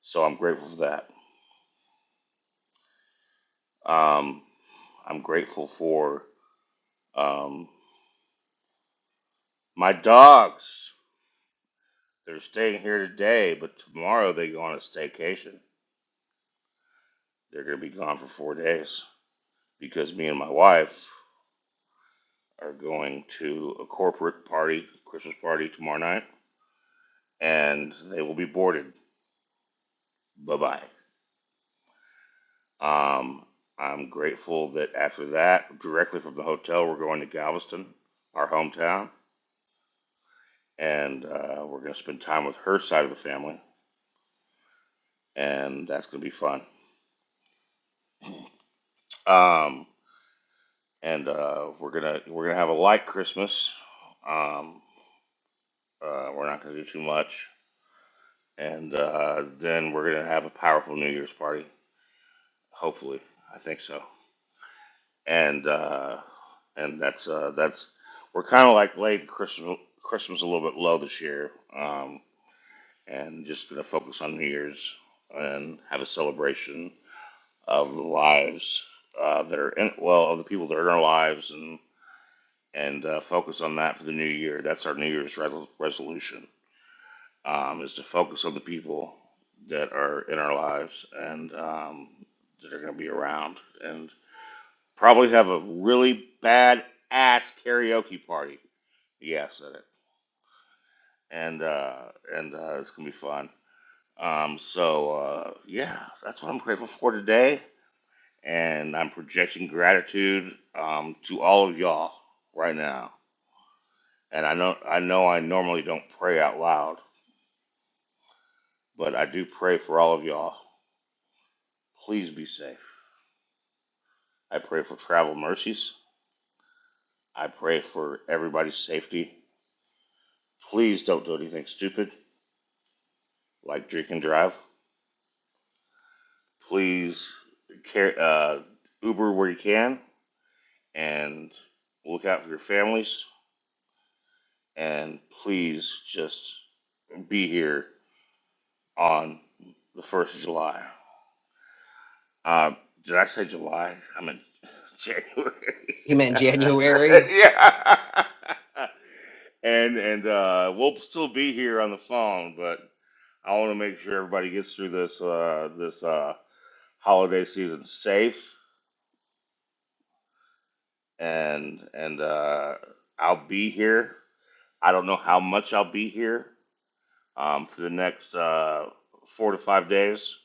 Speaker 1: So I'm grateful for that. Um, I'm grateful for um, my dogs. They're staying here today, but tomorrow they go on a staycation. They're going to be gone for four days because me and my wife are going to a corporate party, Christmas party tomorrow night, and they will be boarded. Bye bye. Um, I'm grateful that after that, directly from the hotel, we're going to Galveston, our hometown, and uh, we're going to spend time with her side of the family, and that's going to be fun. Um, and uh, we're gonna we're gonna have a light Christmas. Um, uh, we're not gonna do too much. and uh, then we're gonna have a powerful New Year's party. Hopefully, I think so. And uh, and that's uh, that's we're kind of like late Christmas. Christmas a little bit low this year, um, and just gonna focus on New Year's and have a celebration of the lives uh, that are in well of the people that are in our lives and and uh, focus on that for the new year. That's our New Year's re- resolution um, is to focus on the people that are in our lives and um, that are going to be around and probably have a really bad ass karaoke party. Yeah, I said it. And uh, and uh, it's gonna be fun. Um, so uh, yeah, that's what I'm grateful for today. And I'm projecting gratitude um, to all of y'all right now. And I know I know I normally don't pray out loud, but I do pray for all of y'all. Please be safe. I pray for travel mercies. I pray for everybody's safety. Please don't do anything stupid like drink and drive. Please care, uh, Uber where you can and look out for your families. And please just be here on the 1st of July. Uh, did I say July? I meant
Speaker 3: He
Speaker 1: January.
Speaker 3: meant January.
Speaker 1: yeah. And, and uh, we'll still be here on the phone, but I want to make sure everybody gets through this uh, this uh, holiday season safe, and and uh, I'll be here. I don't know how much I'll be here um, for the next uh, four to five days,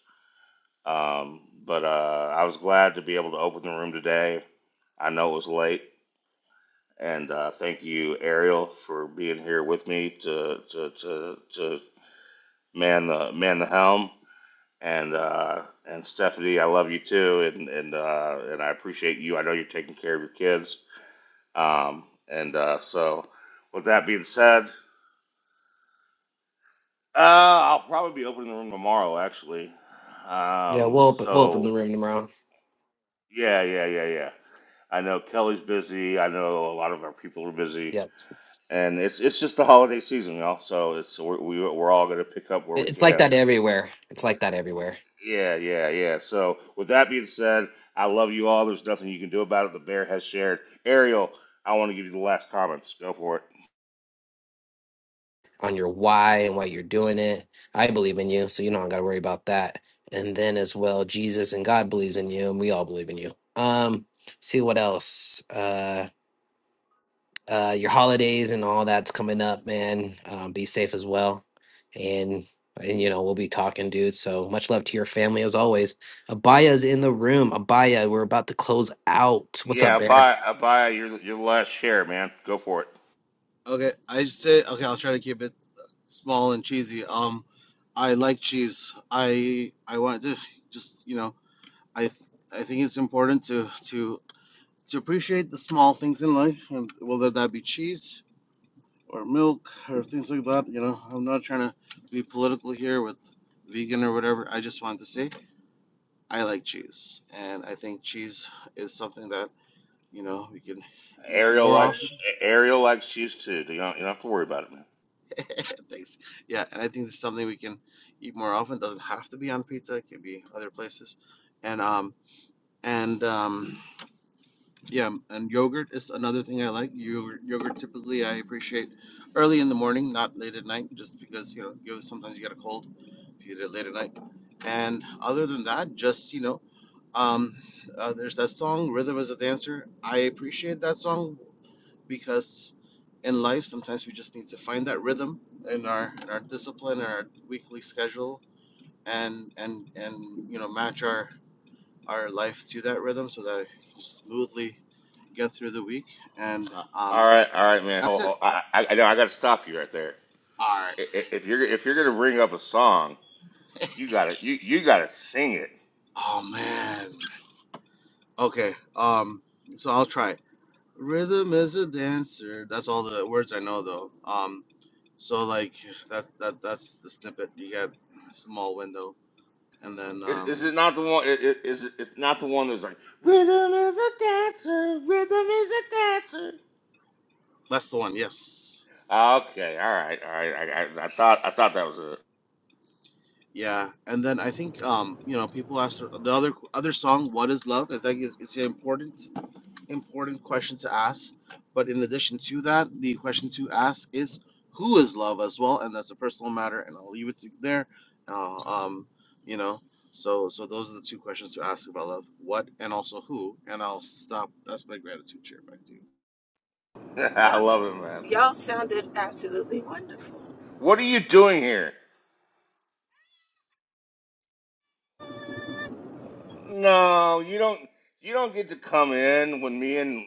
Speaker 1: um, but uh, I was glad to be able to open the room today. I know it was late, and uh, thank you, Ariel, for being here with me to to to, to man the man the helm. and uh, and Stephanie, I love you too, and and uh, and I appreciate you. I know you're taking care of your kids. Um, and uh, so, with that being said, uh, I'll probably be opening the room tomorrow, actually.
Speaker 3: Yeah, we'll
Speaker 1: Um,
Speaker 3: open, we'll open the
Speaker 1: so
Speaker 3: room tomorrow.
Speaker 1: yeah, yeah, yeah, yeah. I know Kelly's busy. I know a lot of our people are busy,
Speaker 3: Yep.
Speaker 1: and it's it's just the holiday season, y'all. So it's we're, we- we're all gonna pick up where we
Speaker 3: It- It's like
Speaker 1: can
Speaker 3: that everywhere. It's like that everywhere.
Speaker 1: Yeah, yeah, yeah. So, with that being said, I love you all. There's nothing you can do about it. The bear has shared. Ariel, I want to give you the last comments. Go for it.
Speaker 3: on your why and why you're doing it. I believe in you, so you don't got to worry about that. And then as well, Jesus and God believes in you, and we all believe in you. Um, see what else? Uh, uh, your holidays and all that's coming up, man. Um, be safe as well, and and you know we'll be talking, dude. So much love to your family as always. Abaya's in the room. Abaya, we're about to close out. What's up,
Speaker 1: Yeah,
Speaker 3: Bear?
Speaker 1: buy, buy your your last share, man. Go for it.
Speaker 11: Okay, I say okay. I'll try to keep it small and cheesy. Um, I like cheese. I I want to just you know I th- I think it's important to to to appreciate the small things in life, and whether that be cheese or milk or things like that. You know, I'm not trying to be political here with vegan or whatever. I just wanted to say I like cheese, and I think cheese is something that you know we can eat
Speaker 1: Ariel
Speaker 11: more often
Speaker 1: likes Ariel likes shoes too. You don't, you don't have to worry about it, man.
Speaker 11: Thanks. Yeah, and I think this is something we can eat more often. It doesn't have to be on pizza. It can be other places. And um and um yeah, and yogurt is another thing I like. Yogurt, yogurt typically I appreciate early in the morning, not late at night, just because you know you sometimes you get a cold if you eat it late at night. And other than that, just you know, um, uh, there's that song "Rhythm Is a Dancer." I appreciate that song because in life sometimes we just need to find that rhythm in our in our discipline in our weekly schedule and and and you know match our our life to that rhythm so that we can smoothly get through the week and
Speaker 1: Uh,
Speaker 11: um
Speaker 1: all right, all right, man.
Speaker 11: that's
Speaker 1: Hold,
Speaker 11: it
Speaker 1: hold. I, I, I know I got to stop you right there.
Speaker 11: all right
Speaker 1: I- I- If you're if you're gonna bring up a song, you gotta you you gotta sing it.
Speaker 11: oh man okay um so i'll try rhythm is a dancer that's all the words i know though um so like that that that's the snippet you get a small window and then
Speaker 1: Is, is
Speaker 11: um
Speaker 1: it not the one? i- i- Is it it's not the one that's like rhythm is a dancer, rhythm is a dancer.
Speaker 11: That's the one. Yes.
Speaker 1: Okay, all right, all right. I, I, I thought I thought that was it.
Speaker 11: Yeah. And then I think um, you know, people ask her- the other other song, "What Is Love?" is like is it's an important important question to ask. But in addition to that, the question to ask is who is love as well, and that's a personal matter. And I'll leave it to there. Uh, um, you know. So so those are the two questions to ask about love: what and also who. And I'll stop. That's my gratitude share back to you.
Speaker 1: I
Speaker 12: Y'all,
Speaker 1: love it, man.
Speaker 12: y'all sounded absolutely wonderful.
Speaker 1: What are you doing here? No, you don't. You don't get to come in when me and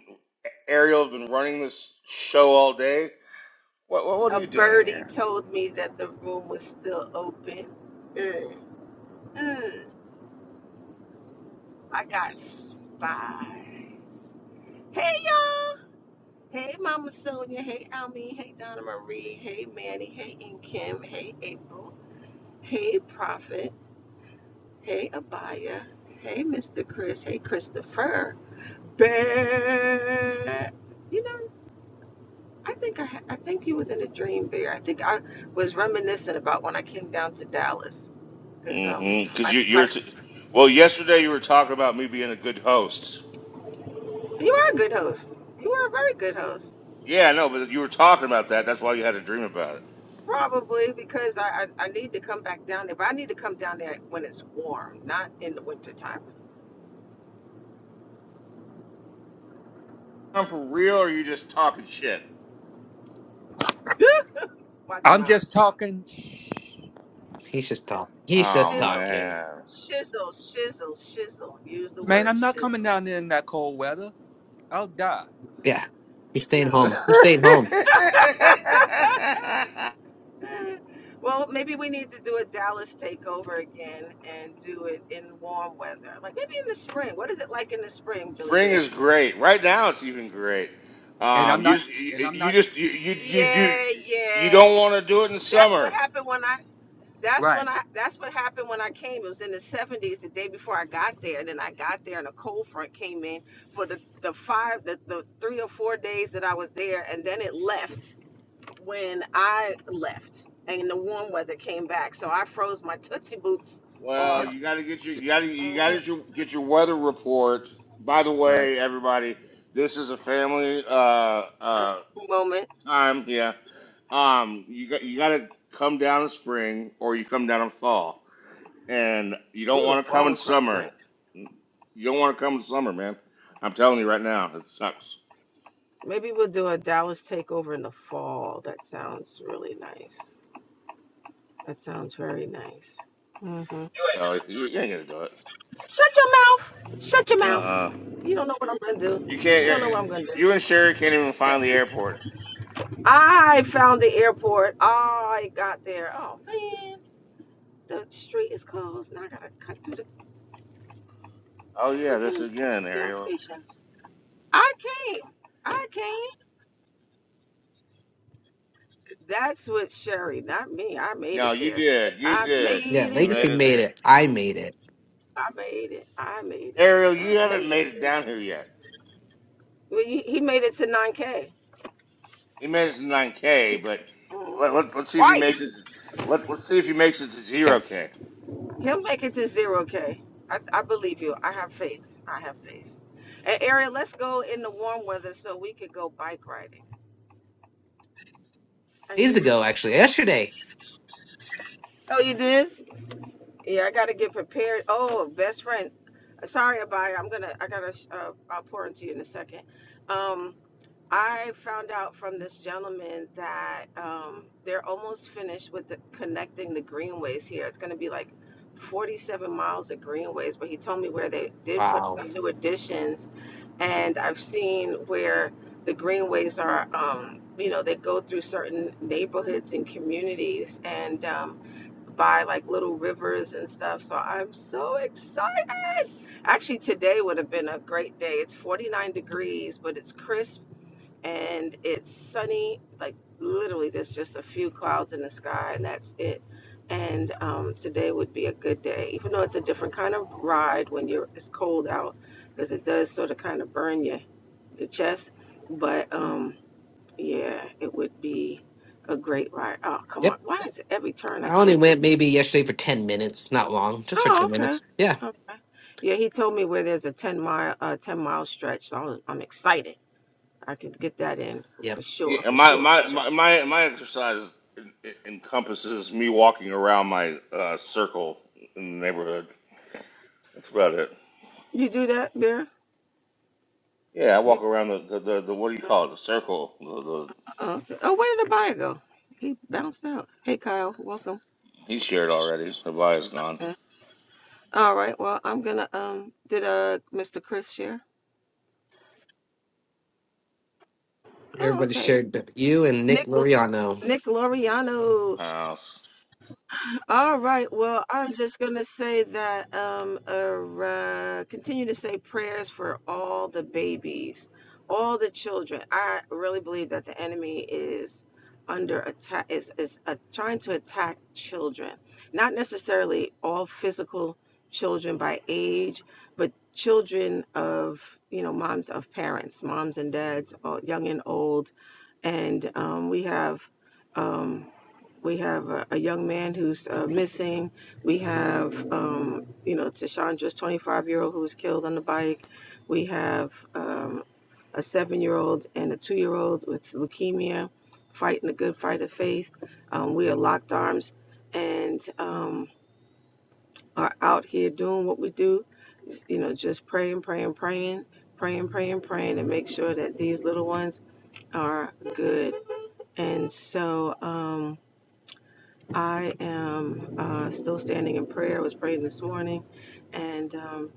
Speaker 1: Ariel have been running this show all day. What what, what are
Speaker 12: A
Speaker 1: you doing
Speaker 12: birdie
Speaker 1: here?
Speaker 12: told me that the room was still open. Mm, mm, I got spies. Hey, y'all. Hey, Mama Sonia. Hey, Almeen. Hey, Donna Marie. Hey, Manny. Hey, and Kim. Hey, April. Hey, Prophet. Hey, Abaya. Hey, Mr. Chris. Hey, Christopher. Bear. You know. I think I, ha- I think you was in a dream bear. I think I was reminiscent about when I came down to Dallas because um
Speaker 1: Mm-hmm. Because
Speaker 12: my,
Speaker 1: you
Speaker 12: my
Speaker 1: you're. T- well, yesterday you were talking about me being a good host.
Speaker 12: you are a good host. You are a very good host.
Speaker 1: Yeah, no, but you were talking about that. That's why you had a dream about it.
Speaker 12: Probably because I, I I need to come back down there, but I need to come down there when it's warm, not in the winter time.
Speaker 1: on for real, or are you just talking shit?
Speaker 12: Watch your
Speaker 8: I'm
Speaker 12: mouth.
Speaker 8: just talking.
Speaker 3: He's just talking. He's
Speaker 1: Oh
Speaker 3: just
Speaker 12: Shizzle,
Speaker 3: talking.
Speaker 1: man,
Speaker 12: shizzle, shizzle, shizzle. Use the
Speaker 8: Man,
Speaker 12: word
Speaker 8: I'm not coming
Speaker 12: shizzle.
Speaker 8: down there in that cold weather. I'll die.
Speaker 3: Yeah, he's staying
Speaker 12: No.
Speaker 3: home. He's staying home.
Speaker 12: Well, maybe we need to do a Dallas takeover again and do it in warm weather. Like maybe in the spring. What is it like in the spring, Billy
Speaker 1: spring
Speaker 12: Bear?
Speaker 1: is great. Right now, it's even great.
Speaker 8: And I'm
Speaker 1: Um, you
Speaker 8: not. And
Speaker 1: you,
Speaker 8: I'm
Speaker 1: you
Speaker 8: not.
Speaker 1: just you, you you do
Speaker 12: Yeah,
Speaker 1: you
Speaker 12: yeah.
Speaker 1: don't want to do it in
Speaker 12: That's what
Speaker 1: summer.
Speaker 12: happened when I that's
Speaker 8: Right.
Speaker 12: when I that's what happened when I came. It was in the 70s the day before I got there. And then I got there and a cold front came in for the the five the, the 3 or 4 days that I was there and then it left when I left and the warm weather came back. So I froze my tootsie boots
Speaker 1: Well,
Speaker 8: Yeah.
Speaker 12: off.
Speaker 1: you got to get your you got to you got
Speaker 12: Mm.
Speaker 1: to
Speaker 8: Yeah.
Speaker 1: get your, get your weather report. By the
Speaker 8: Right.
Speaker 1: way, everybody, this is a family uh
Speaker 12: uh,
Speaker 1: uh
Speaker 12: moment.
Speaker 1: time. Yeah, um, you got you got to come down in spring or you come down in fall and you don't
Speaker 12: Ooh, the
Speaker 1: want to come
Speaker 12: falls
Speaker 1: in
Speaker 12: is probably
Speaker 1: summer.
Speaker 12: nice.
Speaker 1: You don't want to come in summer, man. I'm telling you right now, it sucks.
Speaker 12: Maybe we'll do a Dallas takeover in the fall. That sounds really nice. That sounds very nice. hmm
Speaker 1: So you, you ain't gonna do it.
Speaker 12: Shut your mouth. Shut your
Speaker 1: Uh
Speaker 12: mouth.
Speaker 1: uh
Speaker 12: You don't know what I'm gonna
Speaker 1: You
Speaker 12: do. You
Speaker 1: can't. yeah,
Speaker 12: don't know what I'm gonna do.
Speaker 1: You and Sherry can't even find the airport.
Speaker 12: I found the airport. I got there. Oh man, the street is closed. Now I gotta cut through the
Speaker 1: Oh yeah, this
Speaker 12: freaking
Speaker 1: again,
Speaker 12: gas
Speaker 1: Ariel.
Speaker 12: station. I came. I came. That's what Sherry, not me. I made
Speaker 1: No,
Speaker 12: it
Speaker 1: you
Speaker 12: there.
Speaker 1: did. You
Speaker 12: I
Speaker 1: did.
Speaker 12: made
Speaker 3: Yeah,
Speaker 1: You
Speaker 12: it
Speaker 3: Legacy
Speaker 1: made it
Speaker 3: made
Speaker 1: there,
Speaker 3: it. I made it.
Speaker 12: I made it. I made it.
Speaker 1: Ariel.
Speaker 12: I
Speaker 1: You haven't
Speaker 12: made
Speaker 1: made it
Speaker 12: it.
Speaker 1: down here yet.
Speaker 12: Well, he, he made it to 9K
Speaker 1: He made it to 9K, but
Speaker 12: Mm,
Speaker 1: let, let, let's see if he makes
Speaker 12: twice.
Speaker 1: it. Let, let's see if he makes it to
Speaker 3: Okay.
Speaker 1: 0K.
Speaker 12: He'll make it to 0K. I, I believe you. I have faith. I have faith. And Ariel, let's go in the warm weather so we could go bike riding. I
Speaker 3: Days
Speaker 12: hear
Speaker 3: ago,
Speaker 12: that.
Speaker 3: actually. Yesterday.
Speaker 12: Oh, you did? Yeah, I got to get prepared. Oh, best friend. Sorry, Abaya. I'm gonna. I gotta uh, I'll pour into you in a second. Um. I found out from this gentleman that um, they're almost finished with the, connecting the greenways here. It's going to be like 47 miles of greenways, but he told me where they did put
Speaker 3: Wow.
Speaker 12: some new additions, and I've seen where the greenways are. Um, you know, they go through certain neighborhoods and communities, and um, by like little rivers and stuff. So I'm so excited. Actually, today would have been a great day. It's 49 degrees, but it's crisp and it's sunny. Like literally, there's just a few clouds in the sky, and that's it. And um, today would be a good day, even though it's a different kind of ride when you're it's cold out, because it does sort of kind of burn your your chest. But um, yeah, it would be a great ride. Oh come on,
Speaker 3: Yep.
Speaker 12: why is it every turn I
Speaker 3: I only
Speaker 12: take?
Speaker 3: went maybe yesterday for 10 minutes. Not long. Just for
Speaker 12: Oh
Speaker 3: 10
Speaker 12: okay,
Speaker 3: minutes. Yeah.
Speaker 12: okay. Yeah, he told me where there's a ten mile uh, ten mile stretch, so I was, I'm excited. I can get that in
Speaker 3: Yep.
Speaker 12: for
Speaker 1: Yeah,
Speaker 12: sure, for
Speaker 1: and my
Speaker 12: sure.
Speaker 1: my
Speaker 12: sure.
Speaker 1: my my, my exercise en- encompasses me walking around my uh, circle in the neighborhood. That's about it.
Speaker 12: You do that, Bear?
Speaker 1: Yeah, I
Speaker 12: You,
Speaker 1: walk around the the, the, the what do you call it? The circle. The, the
Speaker 12: uh, oh, where did the buyer go? He bounced out. Hey, Kyle, welcome.
Speaker 1: he shared already. The body's gone.
Speaker 12: Uh, All right, well, I'm gonna, um, did, uh, Mr. Chris share? Oh,
Speaker 3: Everybody
Speaker 12: okay.
Speaker 3: shared, but you and Nick
Speaker 12: Nick,
Speaker 3: Loriano.
Speaker 12: Nick Loriano.
Speaker 1: House.
Speaker 12: All right. Well, I'm just going to say that um uh, uh, continue to say prayers for all the babies, all the children. I really believe that the enemy is under attack is is uh, trying to attack children. Not necessarily all physical children by age, but children of, you know, moms of parents, moms and dads, all- young and old. And um, we have um we have a, a young man who's uh, missing. We have, um, you know, Tashandra's 25 year old who was killed on the bike. We have um, a seven year old and a two year old with leukemia fighting a good fight of faith. Um, we are locked arms and um, are out here doing what we do, you know, just praying, praying, praying, praying, praying, praying, and make sure that these little ones are good. And so, um, I am uh, still standing in prayer. I was praying this morning, and um,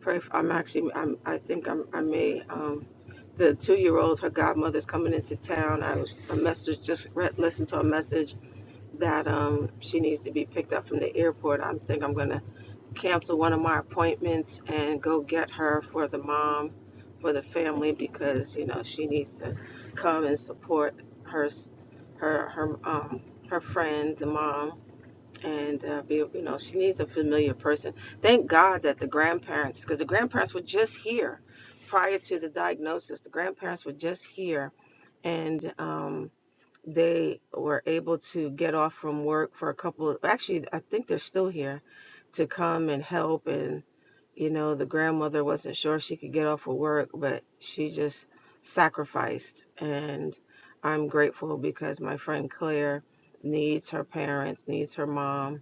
Speaker 12: pray. For, I'm actually. I'm, I think I'm, I may. Um, the two-year-old, her godmother's coming into town. I was a message. Just re- listened to a message that um, she needs to be picked up from the airport. I think I'm going to cancel one of my appointments and go get her for the mom, for the family because you know she needs to come and support her, s- her, her, um, her friend, the mom and uh, be you know she needs a familiar person thank god that the grandparents because the grandparents were just here prior to the diagnosis the grandparents were just here and um, they were able to get off from work for a couple of, actually i think they're still here to come and help and you know the grandmother wasn't sure she could get off of work but she just sacrificed and i'm grateful because my friend claire needs her parents needs her mom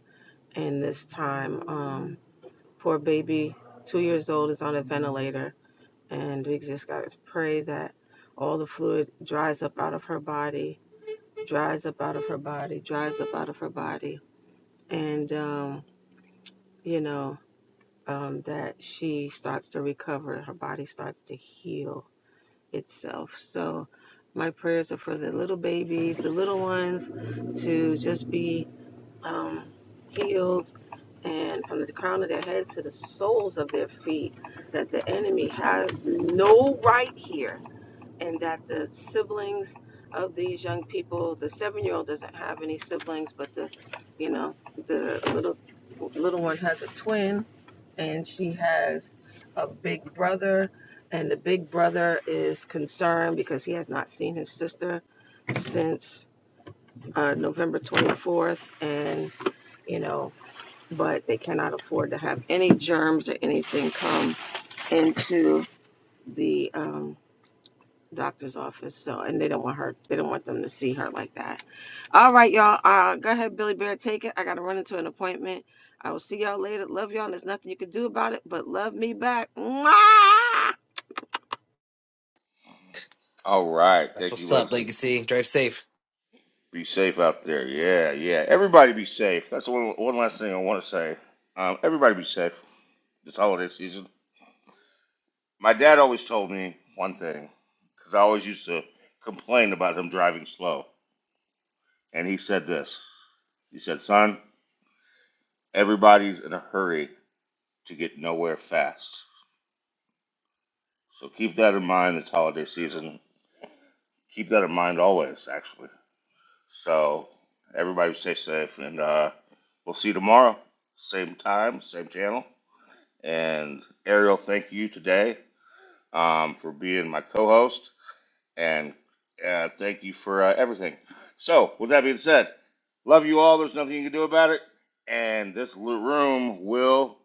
Speaker 12: and this time um poor baby two years old is on a ventilator and we just gotta pray that all the fluid dries up out of her body dries up out of her body dries up out of her body and um you know um that she starts to recover her body starts to heal itself so my prayers are for the little babies the little ones to just be um, healed and from the crown of their heads to the soles of their feet, that the enemy has no right here, and that the siblings of these young people, the seven year old doesn't have any siblings, but the, you know, the little little one has a twin, and she has a big brother, and the big brother is concerned because he has not seen his sister since uh, November 24th, and you know but they cannot afford to have any germs or anything come into the um, doctor's office. So, and they don't want her, they don't want them to see her like that. All right, y'all. Uh, go ahead, Billy Bear, take it. I got to run into an appointment. I will see y'all later. Love y'all. And there's nothing you can do about it, but love me back. Mwah!
Speaker 1: All right.
Speaker 3: That's
Speaker 1: Thank you,
Speaker 3: what's up,
Speaker 1: Lexi.
Speaker 3: Legacy. Drive safe.
Speaker 1: Be safe out there. Yeah, yeah. Everybody be safe. That's one one last thing I want to say. Um, everybody be safe this holiday season. My dad always told me one thing because I always used to complain about him driving slow. And he said this He said, Son, everybody's in a hurry to get nowhere fast. So keep that in mind this holiday season. Keep that in mind always, actually. So everybody stay safe, and uh, we'll see you tomorrow. Same time, same channel. And Ariel, thank you today um, for being my co host. And uh, thank you for uh, everything. So, with that being said, love you all. There's nothing you can do about it. And this room will